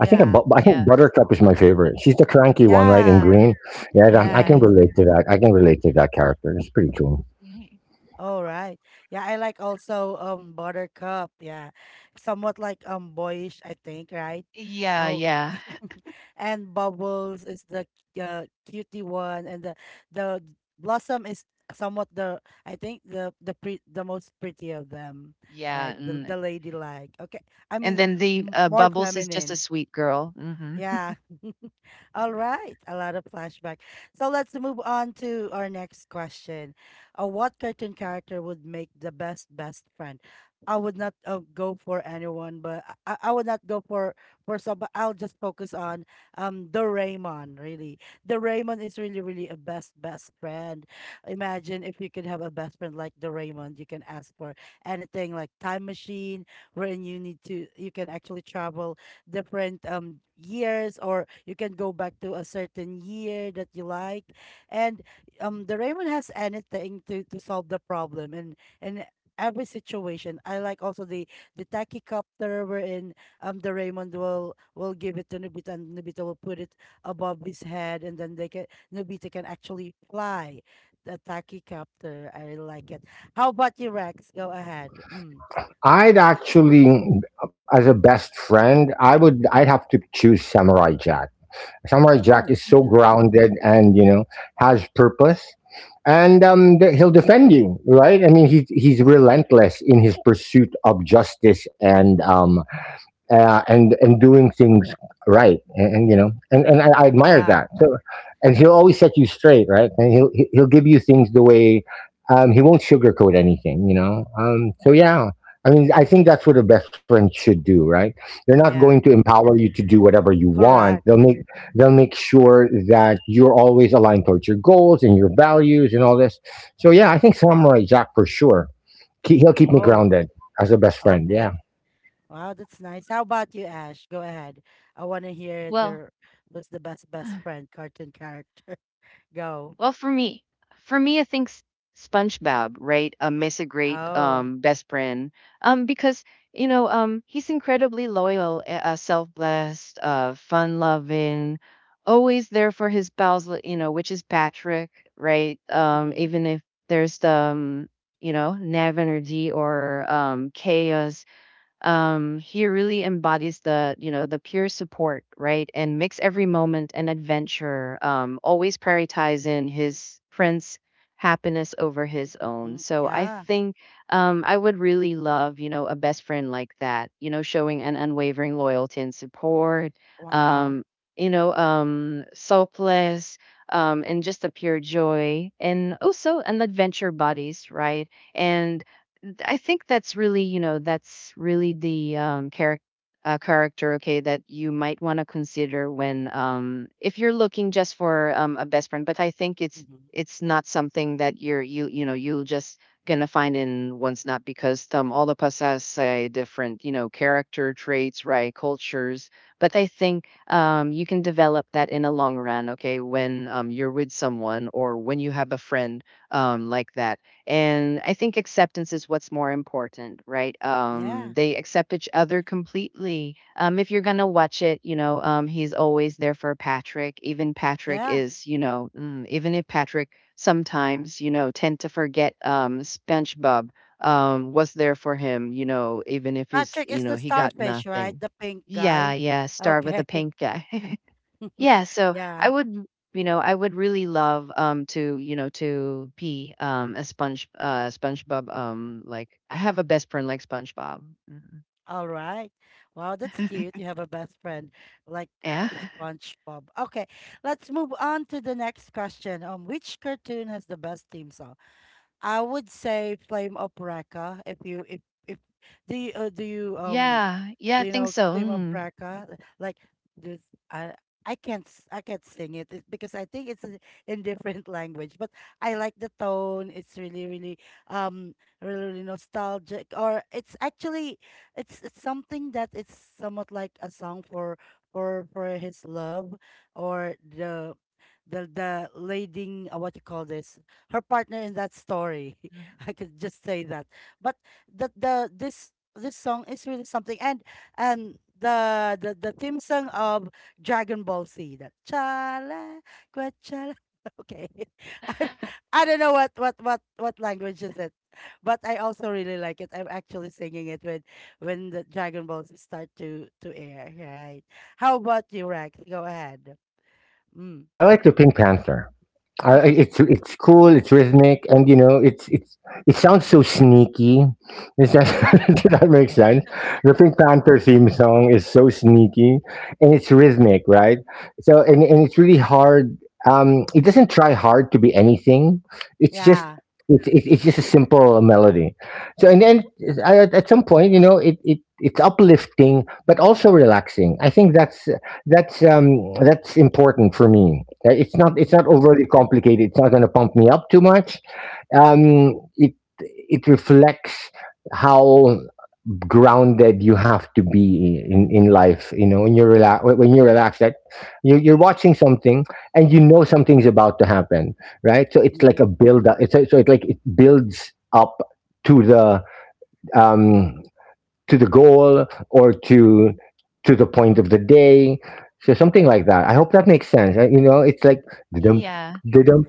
[SPEAKER 2] I think
[SPEAKER 3] Yeah.
[SPEAKER 2] Buttercup is my favorite. She's the cranky one, right? In
[SPEAKER 1] Yeah.
[SPEAKER 2] green. Yeah, I
[SPEAKER 1] Yeah.
[SPEAKER 2] can
[SPEAKER 3] Mm,
[SPEAKER 2] relate to that. I can relate to that character. It's pretty cool.
[SPEAKER 3] mhm.
[SPEAKER 1] All right. Yeah, I like also Buttercup. Yeah. Somewhat like boyish, I think, right?
[SPEAKER 3] Yeah,
[SPEAKER 1] Oh.
[SPEAKER 3] yeah,
[SPEAKER 1] And Bubbles is the cutie one, and the Blossom is somewhat the, I think, the most pretty of them,
[SPEAKER 3] yeah,
[SPEAKER 1] right? The
[SPEAKER 3] mm.
[SPEAKER 1] the ladylike. Okay. I
[SPEAKER 3] And
[SPEAKER 1] mean,
[SPEAKER 3] then the
[SPEAKER 1] more
[SPEAKER 3] bubbles is just a
[SPEAKER 1] feminine.
[SPEAKER 3] sweet girl, hmm.
[SPEAKER 1] Yeah. All right. A lot of flashback. So let's move on to our next question. What cartoon character would make the best best friend? I would not go for anyone, but I would not go for some. But I'll just focus on the Raymond. Really, the Raymond is really really a best best friend. Imagine if you could have a best friend like the Raymond. You can ask for anything, like time machine, wherein you need to, you can actually travel different years, or you can go back to a certain year that you like. And the Raymond has anything to solve the problem and every situation. I like also the tachycopter wherein the Raymond will give it to Nobita, and Nobita will put it above his head, and then they can, Nobita can actually fly the tachycopter. I really like it. How about you, Rex? Go ahead. Mm.
[SPEAKER 2] I'd actually, as a best friend, I would. I'd have to choose Samurai Jack. Samurai Jack
[SPEAKER 1] Oh.
[SPEAKER 2] is so
[SPEAKER 3] Hmm,
[SPEAKER 2] grounded and you know has purpose, and he'll defend you, right? I mean, he's relentless in his pursuit of justice and doing things right, and you know, and I admire
[SPEAKER 1] Yeah.
[SPEAKER 2] that. So, and he'll always set you straight, right? And he'll give you things the way, he won't sugarcoat anything, you know. So yeah, I mean, I think that's what a best friend should do, right? They're not
[SPEAKER 1] Mm,
[SPEAKER 2] going
[SPEAKER 1] yeah.
[SPEAKER 2] to empower you to do whatever you want.
[SPEAKER 1] Correct.
[SPEAKER 2] They'll make sure that you're always aligned towards your goals and your values and all this. So yeah, I think Samurai Jack for sure. He'll keep me
[SPEAKER 1] Oh,
[SPEAKER 2] grounded as a best friend. Yeah.
[SPEAKER 1] okay. Wow, that's nice. How about you, Ash? Go ahead. I want to hear it.
[SPEAKER 3] well,
[SPEAKER 1] Your, what's the best best friend cartoon character? Go.
[SPEAKER 3] well, for me, I think SpongeBob, right? Is a great
[SPEAKER 1] Oh.
[SPEAKER 3] best friend. Because he's incredibly loyal, self-blessed, fun-loving, always there for his pals. You know, which is Patrick, right?
[SPEAKER 1] Mm-hmm.
[SPEAKER 3] Even if there's Navin or D or Chaos, he really embodies the you know the pure support, right, and makes every moment an adventure, always prioritizing his friend's happiness over his own.
[SPEAKER 1] Mm-hmm.
[SPEAKER 3] So I
[SPEAKER 1] Yeah.
[SPEAKER 3] think I would really love, you know, a best friend like that, you know, showing an unwavering loyalty and support,
[SPEAKER 1] Wow.
[SPEAKER 3] um selfless, and just a pure joy and also an adventure buddies, right? And I think that's really, you know, that's really the, character. Character, okay, that you might want to consider when, if you're looking just for a best friend. But I think it's
[SPEAKER 1] Mm-hmm.
[SPEAKER 3] it's not something that you know you'll just gonna find in one's, not because all of us has different, you know, character traits, right, cultures. But I think you can develop that in a long run, okay, when you're with someone or when you have a friend like that. And I think acceptance is what's more important, right?
[SPEAKER 1] Yeah.
[SPEAKER 3] They accept each other completely. If you're gonna watch it, you know, he's always there for Patrick, even Patrick
[SPEAKER 1] Yeah.
[SPEAKER 3] is, you know, mm, even if Patrick sometimes, you know, tend to forget, SpongeBob, was there for him, you know, even if he's,
[SPEAKER 1] Patrick is
[SPEAKER 3] you know,
[SPEAKER 1] the
[SPEAKER 3] he got
[SPEAKER 1] starfish, right?
[SPEAKER 3] nothing.
[SPEAKER 1] The pink
[SPEAKER 3] Yeah,
[SPEAKER 1] guy.
[SPEAKER 3] yeah, star with
[SPEAKER 1] Okay.
[SPEAKER 3] a pink guy. Yeah, so
[SPEAKER 1] Yeah.
[SPEAKER 3] I would, you know, I would really love to, you know, to be a sponge SpongeBob, like I have a best friend like SpongeBob. Mhm.
[SPEAKER 1] All right. Wow, that's cute. You have a best friend like
[SPEAKER 3] Yeah.
[SPEAKER 1] SpongeBob. Okay, let's move on to the next question. Which cartoon has the best theme song? I would say Flame of Recca. If do you do you
[SPEAKER 3] Yeah. Yeah,
[SPEAKER 1] do
[SPEAKER 3] I
[SPEAKER 1] you
[SPEAKER 3] think
[SPEAKER 1] know
[SPEAKER 3] so.
[SPEAKER 1] Flame of
[SPEAKER 3] Mhm.
[SPEAKER 1] Recca? Like this, I I can't s- I can't sing it because I think it's in different language. But I like the tone. It's really really um really, really nostalgic. Or it's actually, it's something that it's somewhat like a song for his love, or the. The leading what you call this, her partner in that story. I could just say that. But the, this song is really something, and the theme song of Dragon Ball Z, that chala gua chala. Okay. I, I don't know what language is it. But I also really like it. I'm actually singing it when the Dragon Balls start to air, right? How about you, Rex? Go ahead. Mm.
[SPEAKER 2] I like the Pink Panther. I, I- it's it's cool. It's rhythmic, and you know, it's it sounds so sneaky. Does that
[SPEAKER 1] Mhm.
[SPEAKER 2] does that make sense? The Pink Panther theme song is so sneaky, and it's rhythmic, right? So, and It's really hard. It doesn't try hard to be anything. It's just
[SPEAKER 1] Yeah.
[SPEAKER 2] it's it's just a simple melody. So, and then at some point, you know, it's uplifting but also relaxing. I think that's that's important for me. It's not, it's
[SPEAKER 1] Mm-hmm.
[SPEAKER 2] not overly complicated. It's not going to pump me up too much. Um, it it reflects how grounded you have to be in life. You know, when you're relaxed, that you're watching something and you know something's about to happen, right? So it's
[SPEAKER 1] Mm-hmm.
[SPEAKER 2] like a build up. It's a, so it like it builds up to the um to the goal or to
[SPEAKER 1] Mhm.
[SPEAKER 2] the point of the day. So something like that. I hope that makes sense. I, you know, it's like
[SPEAKER 1] Mm.
[SPEAKER 2] didum
[SPEAKER 3] Yeah.
[SPEAKER 2] didum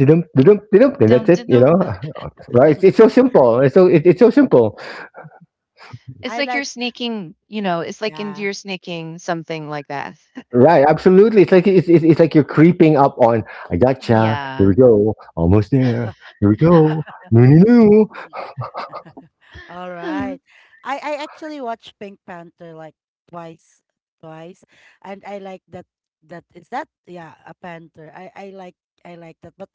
[SPEAKER 2] didum didum didum, and that's
[SPEAKER 3] Don't
[SPEAKER 2] it.
[SPEAKER 3] d-
[SPEAKER 2] You
[SPEAKER 3] no.
[SPEAKER 2] know, right? It's so simple. It's so simple.
[SPEAKER 3] It's
[SPEAKER 1] I
[SPEAKER 3] like you're
[SPEAKER 1] like,
[SPEAKER 3] sneaking, you know, it's like into
[SPEAKER 1] yeah.
[SPEAKER 3] you're sneaking something like that.
[SPEAKER 2] Right? Absolutely. It's like it's like you're creeping up on. I gotcha. Here
[SPEAKER 3] Yeah.
[SPEAKER 2] we go. Almost there. Here we go. No, no, no.
[SPEAKER 1] All right. I actually watched Pink Panther like twice, twice, and I like that. That is that, yeah, a panther. I like that, but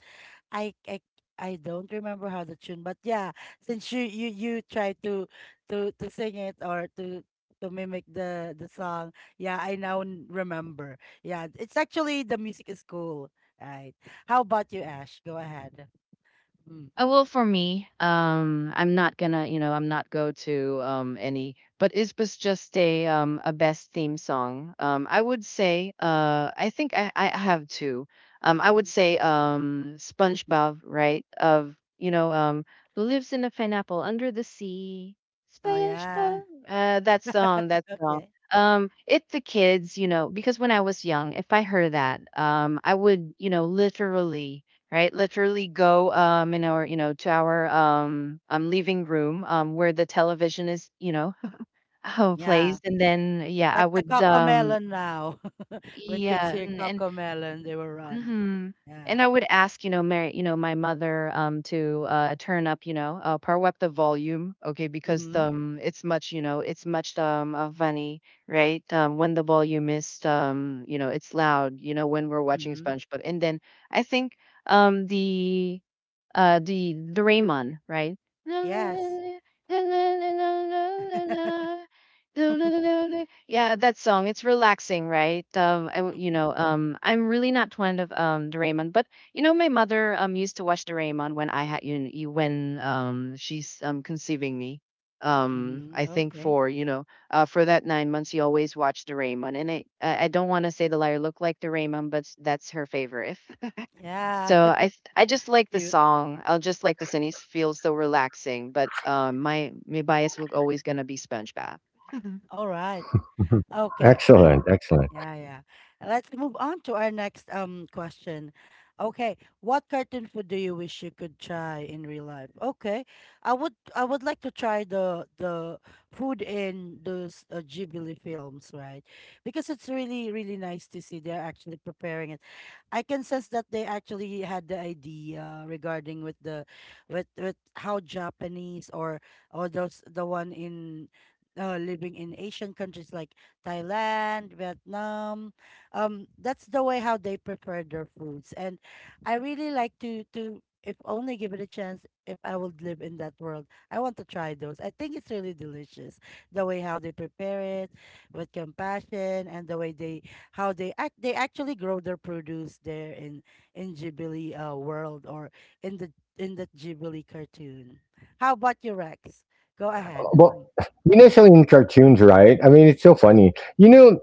[SPEAKER 1] I I I don't remember how the tune. But yeah, since you try to sing it or to mimic the song, yeah, I now remember. Yeah, it's actually the music is cool. Right. How about you, Ash? Go ahead. Mm.
[SPEAKER 3] Well, for me, I'm not gonna, you know, I'm not go to any, but it was just a best theme song. I think I have two. I would say SpongeBob, right? Of you know who lives in a pineapple under the sea,
[SPEAKER 1] Oh, yeah.
[SPEAKER 3] SpongeBob. That song, that song.
[SPEAKER 1] Okay.
[SPEAKER 3] It the kids, you know, because when I was young, if I heard that, I would, you know, literally, right? Literally go in our, you know, to our living room where the television is, you know, oh
[SPEAKER 1] Yeah.
[SPEAKER 3] placed. And then yeah, I
[SPEAKER 1] Like the
[SPEAKER 3] would
[SPEAKER 1] Cocomelon now. When kids
[SPEAKER 3] yeah,
[SPEAKER 1] hear
[SPEAKER 3] and
[SPEAKER 1] Cocomelon, they will run.
[SPEAKER 3] mhm.
[SPEAKER 1] Yeah.
[SPEAKER 3] And I would ask, you know, Mary, you know, my mother to turn up, you know, power up the volume, okay, because
[SPEAKER 1] Mm-hmm.
[SPEAKER 3] it's much, you know, it's much funny, right? When the volume is, you know, it's loud, you know, when we're watching
[SPEAKER 1] Mm-hmm.
[SPEAKER 3] SpongeBob. And then I think the the Raymond, right?
[SPEAKER 1] Yes.
[SPEAKER 3] Yeah, that song. It's relaxing, right? You know, I'm really not fond of Doraemon, but you know, my mother used to watch Doraemon when I had you, you when she's conceiving me.
[SPEAKER 1] Mm-hmm.
[SPEAKER 3] I think
[SPEAKER 1] Okay.
[SPEAKER 3] for you know, for that nine months, she always watched Doraemon, and I don't want to say the liar looked like Doraemon, but that's her favorite.
[SPEAKER 1] Yeah.
[SPEAKER 3] So I just like the
[SPEAKER 1] Cute.
[SPEAKER 3] song. I'll just like this, and it feels so relaxing. But my my bias will always gonna be SpongeBob.
[SPEAKER 1] All right. Okay.
[SPEAKER 2] Excellent. Excellent.
[SPEAKER 1] Yeah, yeah. Let's move on to our next question. Okay, what cartoon food do you wish you could try in real life? Okay, I would like to try the food in those Ghibli films, right? Because it's really really nice to see they're actually preparing it. I can sense that they actually had the idea regarding with the, with how Japanese or those the one in living in Asian countries like Thailand, Vietnam. That's the way how they prepare their foods, and I really like to, if only give it a chance. If I would live in that world, I want to try those. I think it's really delicious the way how they prepare it, with compassion, and the way they how they act. They actually grow their produce there in Ghibli world, or in the, in the Ghibli cartoon. How about you, Rex? Go ahead.
[SPEAKER 2] Well,
[SPEAKER 1] Mm.
[SPEAKER 2] you know, so in cartoons, right? I mean, it's so funny. You know,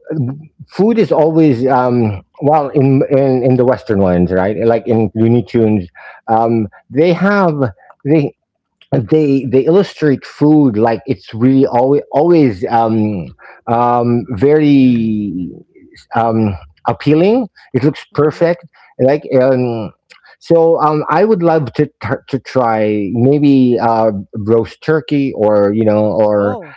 [SPEAKER 2] food is always well in the Western ones, right? Like in Looney Tunes, they have they they illustrate food like it's really always very um, appealing. It looks
[SPEAKER 1] Mhm.
[SPEAKER 2] perfect. Like um, I would love to try maybe roast turkey or you know or
[SPEAKER 1] Oh,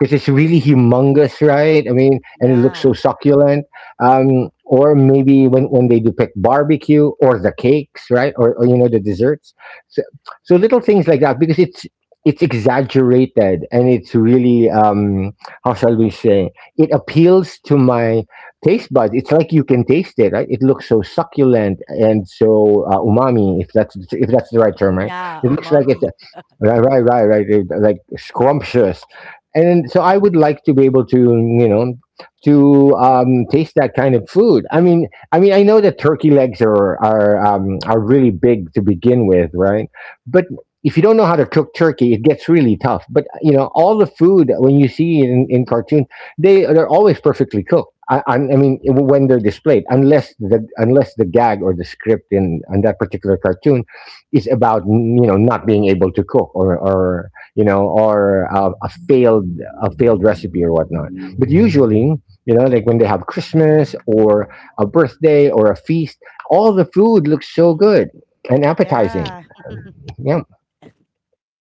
[SPEAKER 2] because it's really humongous, right? I mean, and it looks
[SPEAKER 1] yeah.
[SPEAKER 2] so succulent. Or maybe when they depict barbecue or the cakes, right? Or you know the desserts. So, so little things like that because it's exaggerated and it's really how shall we say it appeals to my taste buds. It's like you can taste it, right? It looks so succulent and so umami, if that's the right term, right?
[SPEAKER 1] Yeah,
[SPEAKER 2] It looks like it's
[SPEAKER 1] umami.
[SPEAKER 2] right, right, right, right, it- like scrumptious. And so I would like to be able to, you know, to taste that kind of food. I mean, I know that turkey legs are are really big to begin with, right? But if you don't know how to cook turkey, it gets really tough. But you know, all the food when you see in cartoons they they're always perfectly cooked. I mean, when they're displayed, unless the gag or the script in on that particular cartoon is about you know not being able to cook or you know or a failed recipe or whatnot. But usually, you know, like when they have Christmas or a birthday or a feast, all the food looks so
[SPEAKER 1] Mhm.
[SPEAKER 2] good and appetizing.
[SPEAKER 1] Yeah.
[SPEAKER 2] Yeah.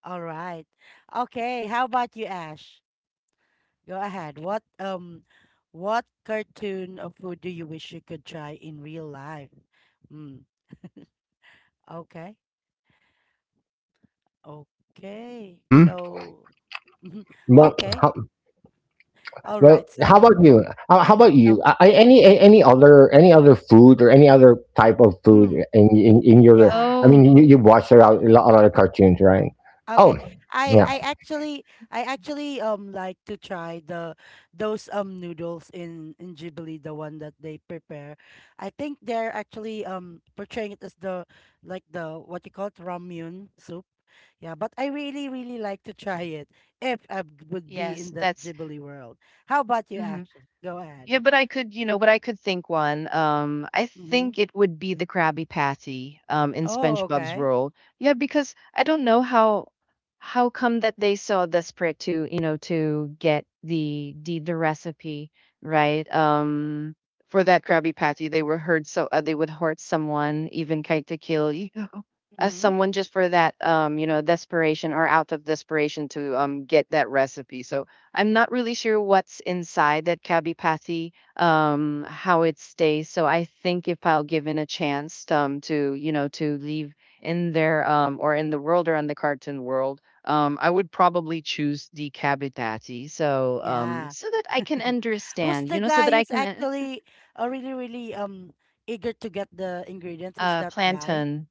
[SPEAKER 1] All right. Okay, how about you, Ash? Go ahead. What cartoon of food do you wish you could try in real life? Mm. Okay. Okay.
[SPEAKER 2] hmm
[SPEAKER 1] So,
[SPEAKER 2] Well,
[SPEAKER 1] okay. All
[SPEAKER 2] Well,
[SPEAKER 1] right. So,
[SPEAKER 2] how about you? How about you?
[SPEAKER 1] um,
[SPEAKER 2] Any any other food or any other type of food
[SPEAKER 1] mm,
[SPEAKER 2] in your?
[SPEAKER 1] yeah.
[SPEAKER 2] I
[SPEAKER 3] Oh,
[SPEAKER 2] mean, you watched a
[SPEAKER 1] Mm.
[SPEAKER 2] lot of cartoons, right?
[SPEAKER 1] Okay.
[SPEAKER 2] Oh,
[SPEAKER 1] I
[SPEAKER 2] yeah.
[SPEAKER 1] I actually I actually like to try the those noodles in Ghibli, the one that they prepare. I think they're actually portraying it as the, like the, what you call it, ramyun soup. Yeah, but I really really like to try it if I would be in
[SPEAKER 3] yes,
[SPEAKER 1] that
[SPEAKER 3] that's
[SPEAKER 1] Ghibli world. How about you,
[SPEAKER 3] mhm.
[SPEAKER 1] Ashley? Go
[SPEAKER 3] Yeah,
[SPEAKER 1] ahead.
[SPEAKER 3] but I could, you know, but I could think one. I
[SPEAKER 1] Mm-hmm.
[SPEAKER 3] think it would be the Krabby Patty, in
[SPEAKER 1] Oh,
[SPEAKER 3] SpongeBob's
[SPEAKER 1] okay.
[SPEAKER 3] role. Yeah, because I don't know how come that they saw desperate to, you know, to get the recipe right. For that Krabby Patty, they were hurt so they would hurt someone, even kind to kill, you know, as
[SPEAKER 1] Mm-hmm.
[SPEAKER 3] someone just for that, you know, desperation or out of desperation to get that recipe. So I'm not really sure what's inside that kabipati, how it stays. So I think if I'll given a chance to, you know, to leave in there, or in the world or on the cartoon world, I would probably choose the kabipati. So
[SPEAKER 1] Yeah.
[SPEAKER 3] so that I can
[SPEAKER 1] Who's
[SPEAKER 3] understand, you
[SPEAKER 1] the
[SPEAKER 3] know, so
[SPEAKER 1] guy
[SPEAKER 3] that I
[SPEAKER 1] who's
[SPEAKER 3] can
[SPEAKER 1] actually really, really eager to get the ingredients? Is that guy?
[SPEAKER 3] plantain,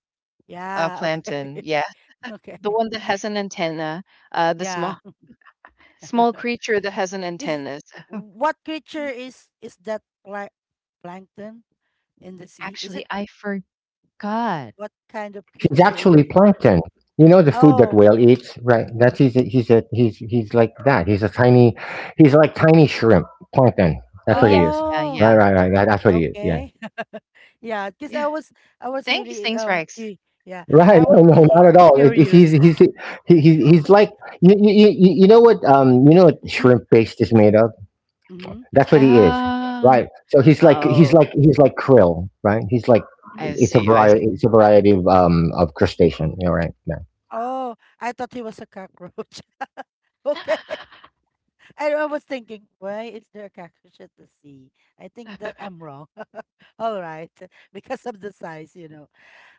[SPEAKER 1] Yeah, okay.
[SPEAKER 3] plantain, yeah,
[SPEAKER 1] Okay.
[SPEAKER 3] the one that has an antenna, the
[SPEAKER 1] Yeah.
[SPEAKER 3] small small creature that has an
[SPEAKER 1] Is,
[SPEAKER 3] antenna. So,
[SPEAKER 1] what creature is that plankton in the sea? Is it,
[SPEAKER 3] actually, I forgot.
[SPEAKER 1] what kind of
[SPEAKER 2] He's
[SPEAKER 1] creature is
[SPEAKER 2] actually
[SPEAKER 1] he?
[SPEAKER 2] plankton. You know the food that
[SPEAKER 1] Oh,
[SPEAKER 2] whale eats, right? That's he's like that. He's a tiny, he's like tiny shrimp plankton.
[SPEAKER 3] Oh
[SPEAKER 2] That's what
[SPEAKER 3] yeah,
[SPEAKER 2] he is.
[SPEAKER 3] yeah,
[SPEAKER 1] oh,
[SPEAKER 2] Right,
[SPEAKER 3] yeah.
[SPEAKER 2] right, right. That's what he is. Yeah.
[SPEAKER 1] okay. Yeah, because
[SPEAKER 3] Yeah.
[SPEAKER 1] I was, I was
[SPEAKER 3] Thank you,
[SPEAKER 1] really
[SPEAKER 3] Saints Rex.
[SPEAKER 1] cu yeah,
[SPEAKER 2] Right?
[SPEAKER 1] I was
[SPEAKER 2] No, no, not
[SPEAKER 1] really
[SPEAKER 2] at all. It, it's
[SPEAKER 1] curious.
[SPEAKER 2] he's he, he's like you, you you you know what shrimp paste is made of.
[SPEAKER 1] Mm-hmm.
[SPEAKER 2] That's what he is,
[SPEAKER 3] Ah.
[SPEAKER 2] right? So
[SPEAKER 3] Oh,
[SPEAKER 2] he's like krill, right? He's like
[SPEAKER 3] I
[SPEAKER 2] it's a
[SPEAKER 3] see, I
[SPEAKER 2] variety
[SPEAKER 3] see.
[SPEAKER 2] of crustacean, you know, right? Yeah.
[SPEAKER 1] Oh, I thought he was a cockroach. Okay. I was thinking, why is there a cockroach at the sea? I think that I'm wrong. All right. Because of the size, you know.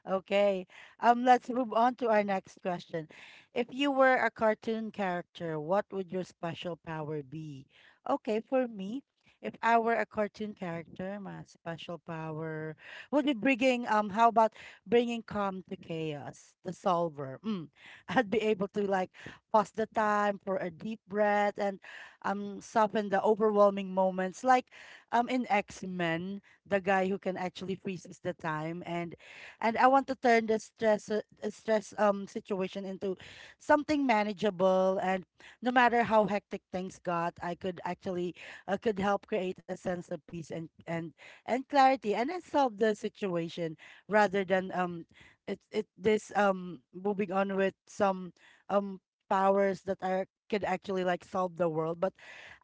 [SPEAKER 1] Okay. Let's move on to our next question. If you were a cartoon character, what would your special power be? Okay, for me, if I were a cartoon character, my special power would be bringing, how about bringing calm to chaos, the solver. Mm. I'd be able to like pause the time for a deep breath and soften the overwhelming moments like in X-Men, the guy who can actually freezes the time and I want to turn the stress situation into something manageable, and no matter how hectic things got, I could actually, could help create a sense of peace and clarity and then solve the situation rather than it it this moving on with some um powers that are could actually like solve the world. But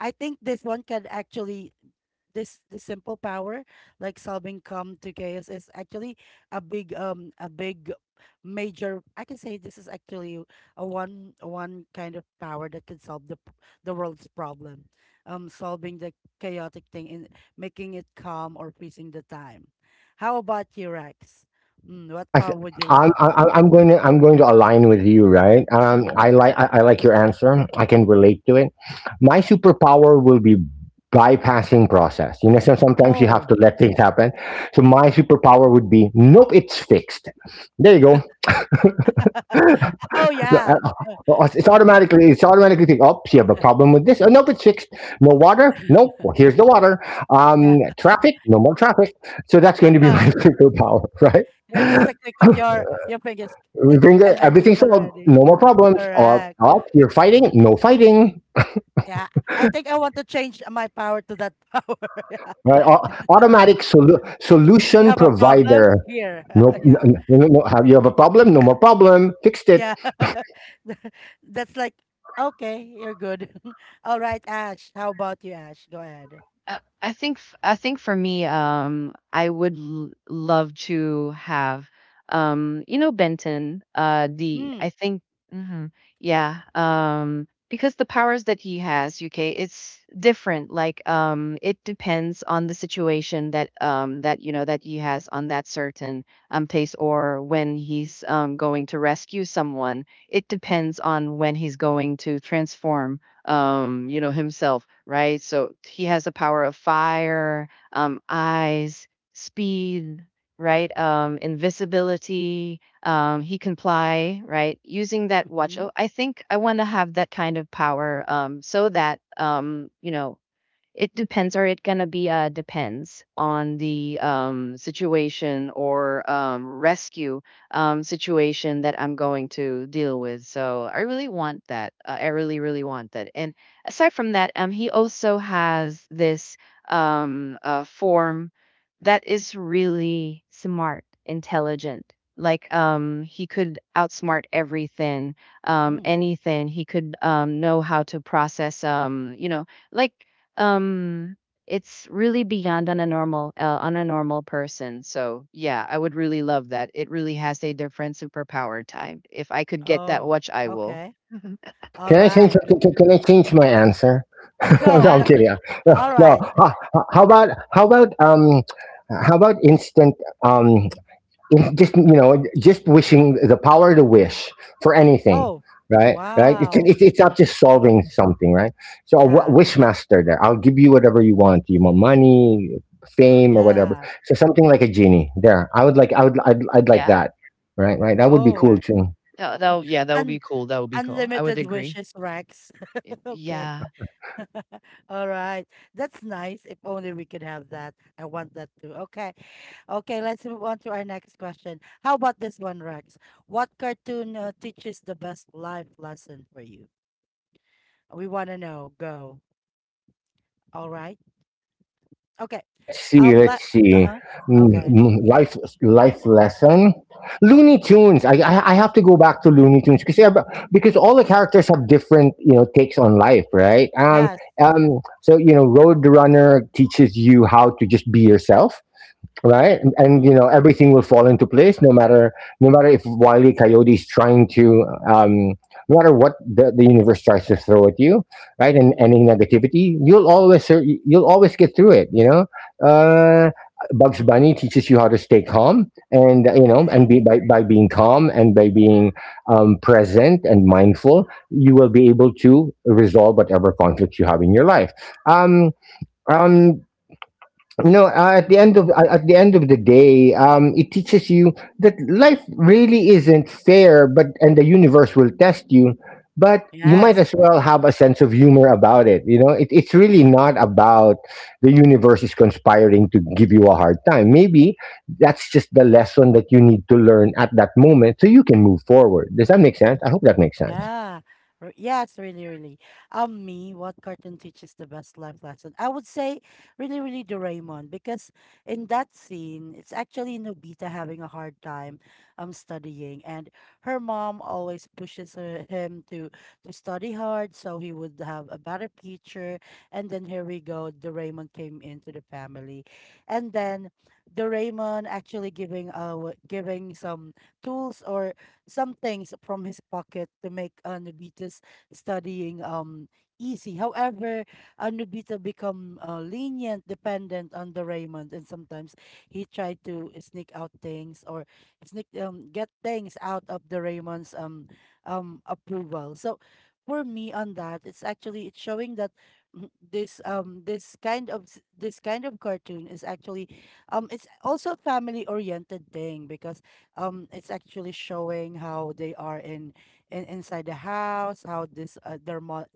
[SPEAKER 1] I think this one can actually, this the simple power, like solving come to chaos, is actually a big major, I can say. This is actually a one kind of power that can solve the world's problem. Solving the chaotic thing and making it calm, or freezing the time. How about you, Rex? What
[SPEAKER 2] I,
[SPEAKER 1] power
[SPEAKER 2] th-
[SPEAKER 1] would you like?
[SPEAKER 2] I'm going to align with you, right?
[SPEAKER 1] Hmm.
[SPEAKER 2] I like I like your answer. I can relate to it. My superpower will be bypassing process. You know, so sometimes you have
[SPEAKER 1] Oh.
[SPEAKER 2] to let things happen. So my superpower would be nope, it's fixed. There you go.
[SPEAKER 1] Oh,
[SPEAKER 2] No,
[SPEAKER 1] yeah.
[SPEAKER 2] it's automatically think, oh, you have a problem with this. Oh, nope, it's fixed. No water. Nope. Well, here's the water.
[SPEAKER 1] Yeah.
[SPEAKER 2] Traffic. No more traffic. So that's
[SPEAKER 1] Yeah.
[SPEAKER 2] going to be my
[SPEAKER 1] Huh.
[SPEAKER 2] superpower,
[SPEAKER 1] Yeah, just
[SPEAKER 2] right?
[SPEAKER 1] a click of your fingers.
[SPEAKER 2] We
[SPEAKER 1] Click
[SPEAKER 2] bring the,
[SPEAKER 1] and then
[SPEAKER 2] everything
[SPEAKER 1] it's
[SPEAKER 2] solved, no
[SPEAKER 1] already.
[SPEAKER 2] more problems. Up,
[SPEAKER 1] Correct.
[SPEAKER 2] up, you're fighting, no fighting.
[SPEAKER 1] Yeah. I think I want to change my power to that power. Yeah.
[SPEAKER 2] Right? Automatic
[SPEAKER 1] You
[SPEAKER 2] solution
[SPEAKER 1] have a
[SPEAKER 2] provider.
[SPEAKER 1] problem here.
[SPEAKER 2] No, no,
[SPEAKER 1] Yeah.
[SPEAKER 2] no, no, no, have you have a problem? No more problem. Fixed it.
[SPEAKER 1] Yeah. That's like, okay, you're good. All right, Ash. How about you, Ash? Go ahead.
[SPEAKER 3] I think for me, I would love to have, you know, Benton. The
[SPEAKER 1] Mm.
[SPEAKER 3] I think, mhm, Yeah, because the powers that he has, UK, it's different. Like, it depends on the situation that, that you know, that he has on that certain place, or when he's going to rescue someone. It depends on when he's going to transform, you know, himself, right? So he has the power of fire, eyes, speed, right? Invisibility. He can fly, right? Using that watch.
[SPEAKER 1] Mm-hmm.
[SPEAKER 3] Oh, I think I want to have that kind of power, so that, you know, it depends or it gonna be depends on the situation or rescue situation that I'm going to deal with. So I really want that, I really really want that. And aside from that, he also has this form that is really smart intelligent, like he could outsmart everything,
[SPEAKER 1] Mm.
[SPEAKER 3] anything. He could know how to process, you know, like um, it's really beyond on a normal person. So yeah, I would really love that. It really has a different superpower time. If I could get that
[SPEAKER 1] Oh,
[SPEAKER 3] watch, I will.
[SPEAKER 1] okay.
[SPEAKER 3] Mhm.
[SPEAKER 1] All
[SPEAKER 2] Can I change?
[SPEAKER 1] right.
[SPEAKER 2] Can I change my answer? No,
[SPEAKER 1] Go.
[SPEAKER 3] Ah,
[SPEAKER 2] I'm kidding. No,
[SPEAKER 1] All
[SPEAKER 2] no.
[SPEAKER 1] right.
[SPEAKER 2] How about instant? Um. It's just you know just wishing the power to wish for anything
[SPEAKER 1] Oh,
[SPEAKER 2] right right
[SPEAKER 1] wow.
[SPEAKER 2] it's not just solving something right so a
[SPEAKER 1] Yeah.
[SPEAKER 2] wish master there, I'll give you whatever you want, you want money fame or whatever,
[SPEAKER 1] Yeah.
[SPEAKER 2] so something like a genie there, I would like I would I'd like
[SPEAKER 3] yeah.
[SPEAKER 2] that right right that would be
[SPEAKER 1] Oh,
[SPEAKER 2] cool too.
[SPEAKER 3] That that yeah, that would
[SPEAKER 1] un
[SPEAKER 3] be cool. That would be cool. I would
[SPEAKER 1] unlimited
[SPEAKER 3] agree.
[SPEAKER 1] wishes, Rex.
[SPEAKER 3] It,
[SPEAKER 1] Okay.
[SPEAKER 3] yeah.
[SPEAKER 1] All right. That's nice. If only we could have that. I want that too. Okay. Okay, let's move on to our next question. How about this one, Rex? What cartoon, teaches the best life lesson for you? We want to know. Go. All right. Okay.
[SPEAKER 2] Let's see, let's
[SPEAKER 1] Let. Uh
[SPEAKER 2] see.
[SPEAKER 1] huh. Okay.
[SPEAKER 2] Life lesson. Looney Tunes. I have to go back to Looney Tunes because all the characters have different you know takes on life, right?
[SPEAKER 1] Yes.
[SPEAKER 2] So you know, Roadrunner teaches you how to just be yourself, right? And you
[SPEAKER 1] Mm-hmm.
[SPEAKER 2] know everything will fall into place, no matter no matter if Wiley Coyote is trying to, no matter what the universe tries to throw at you, right? And any
[SPEAKER 1] Mm-hmm.
[SPEAKER 2] negativity, you'll always get through it. You know, uh, Bugs Bunny teaches you how to stay calm, and you know, and
[SPEAKER 1] Okay.
[SPEAKER 2] be by being calm and by being present and mindful, you will be able to resolve whatever conflicts you have in your life. Um, um, no at
[SPEAKER 1] Mm.
[SPEAKER 2] the end of At the end of the day it teaches you that life really isn't fair but and the universe will test you but you might
[SPEAKER 1] Yes.
[SPEAKER 2] as well have a sense of humor about it. You know, it, it's really not about the universe is conspiring to give you a hard time. Maybe that's just the lesson that you need to learn at that moment so you can move forward. Does that make sense? I hope that makes sense.
[SPEAKER 1] Yeah. Yeah, it's really, really. Me, what cartoon teaches the best life lesson? I would say really, really Doraemon, because in that scene, it's actually Nobita having a hard time studying, and her mom always pushes him to study hard so he would have a better future. And then here we go, Doraemon came into the family, and then Doraemon actually giving some tools or some things from his pocket to make, Nobita's studying easy. However, Nobita become, lenient, dependent on the Raymond, and sometimes he tried to sneak out things or sneak get things out of the Raymond's approval. So for me on that, it's actually, it's showing that, this kind of cartoon is actually, it's also a family oriented thing, because, it's actually showing how they are in inside the house, how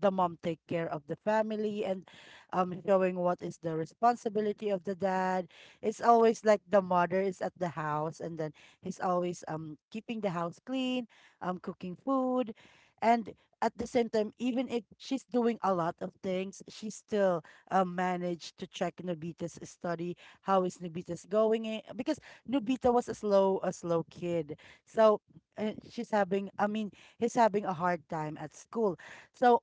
[SPEAKER 1] the mom take care of the family, and, showing what is the responsibility of the dad. It's always like the mother is at the house, and then he's always keeping the house clean, cooking food. And at the same time, even if she's doing a lot of things, she still, managed to check Nobita's study. How is Nobita's going? Because Nobita was a slow kid, so, she's having. I mean, he's having a hard time at school. So